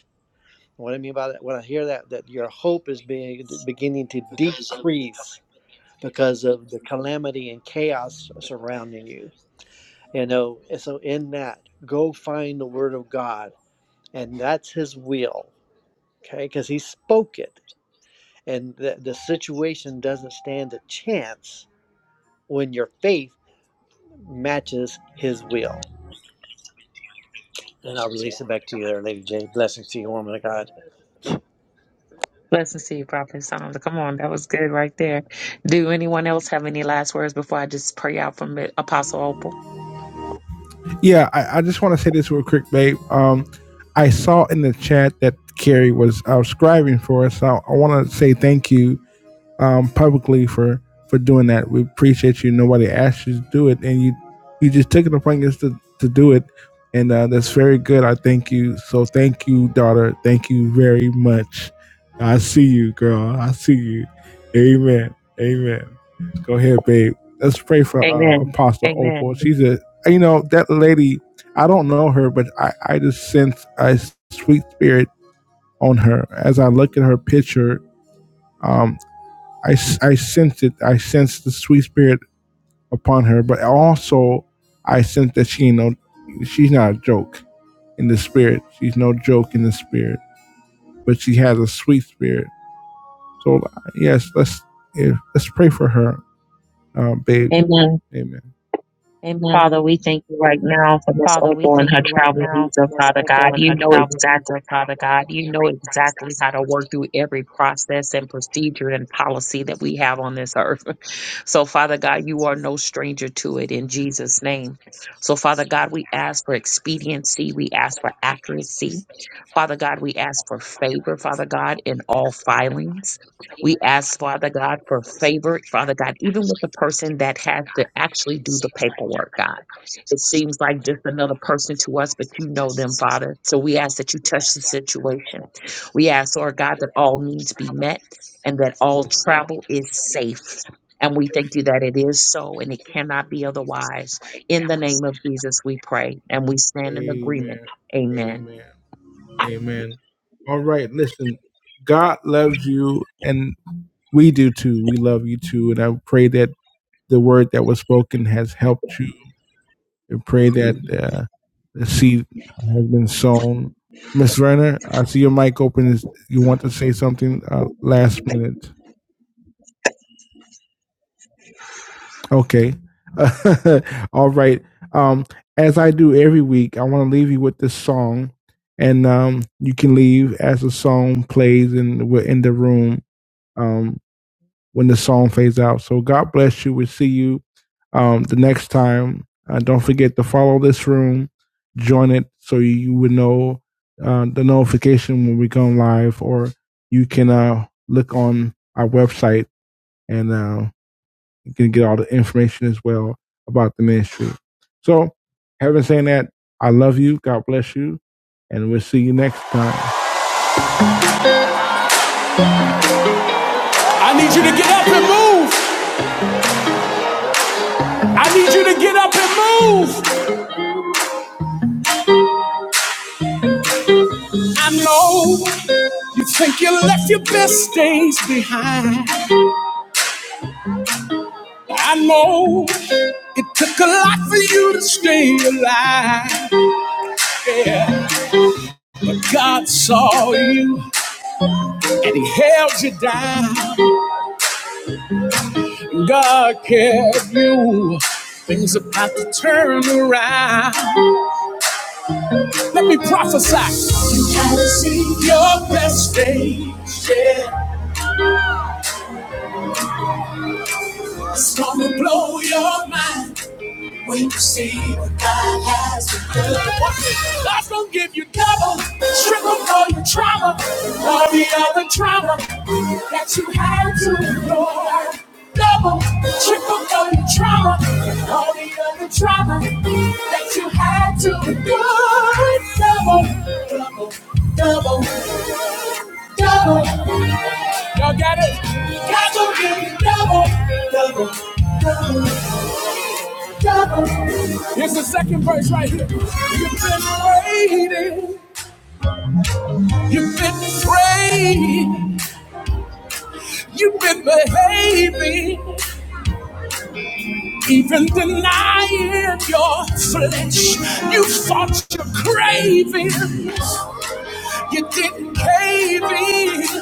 What I mean by that, when I hear that, that your hope is being beginning to decrease because of the calamity and chaos surrounding you. You know, and so in that, go find the Word of God, and that's His will, okay? Because He spoke it, and the, the situation doesn't stand a chance when your faith matches His will. And I'll release it back to you there, Lady J. Blessings to you, woman of God. Blessings to you, Prophet Tom. Come on, that was good right there. Do anyone else have any last words before I just pray out from it, Apostle Opal? Yeah, I, I just want to say this real quick, babe. Um, I saw in the chat that Carrie was uh, scribing for us. So I want to say thank you um, publicly for for doing that. We appreciate you. Nobody asked you to do it, and you you just took it upon yourself to, to do it, and uh, that's very good. I thank you. So thank you, daughter. Thank you very much. I see you, girl. I see you. Amen. Amen. Go ahead, babe. Let's pray for uh, Amen. Apostle Opal. Amen. She's a you know that lady. I don't know her, but I I just sense a sweet spirit on her as I look at her picture. um, I I sensed it. I sensed the sweet spirit upon her, but also I sensed that she ain't no, she's not a joke in the spirit. She's no joke in the spirit, but she has a sweet spirit. So yes, let's yeah, let's pray for her, uh, babe. Amen. Amen. Father, we thank you right now for Miss Opal and her travel visa, Father God. You know exactly how to work through every process and procedure and policy that we have on this earth. So, Father God, you are no stranger to it in Jesus' name. So, Father God, we ask for expediency. We ask for accuracy. Father God, we ask for favor, Father God, in all filings. We ask, Father God, for favor, Father God, even with the person that has to actually do the paperwork, God. It seems like just another person to us, but you know them, Father. So we ask that you touch the situation. We ask, Lord God, that all needs be met and that all travel is safe. And we thank you that it is so and it cannot be otherwise. In the name of Jesus, we pray and we stand in agreement. Amen. Amen. Amen. Amen. All right. Listen, God loves you, and we do too. We love you too, and I pray that the word that was spoken has helped you We pray that uh, the seed has been sown. Miss Renner, I see your mic open. you want to say something uh, last minute? Okay. All right. Um, as I do every week, I want to leave you with this song, and um, you can leave as the song plays, and we're in the room. Um, when the song fades out. So God bless you. We'll see you um, the next time. Uh, don't forget to follow this room, join it so you would know uh, the notification when we go live, or you can uh, look on our website and uh, you can get all the information as well about the ministry. So, having said that, I love you. God bless you. And we'll see you next time. Let me prophesy. You gotta see your best days. Yeah. It's gonna blow your mind. When you see what God has to do, God's gonna give you double, triple for your trauma, and all the other trauma that you had to endure. Double, triple for your trauma, and all the other trauma that you had to endure. Double, double, double, double. Y'all got it? God's gonna give you double, double, double. Here's the second verse right here. You've been waiting, you've been praying, you've been behaving, even denying your flesh. You fought your cravings, you didn't cave in.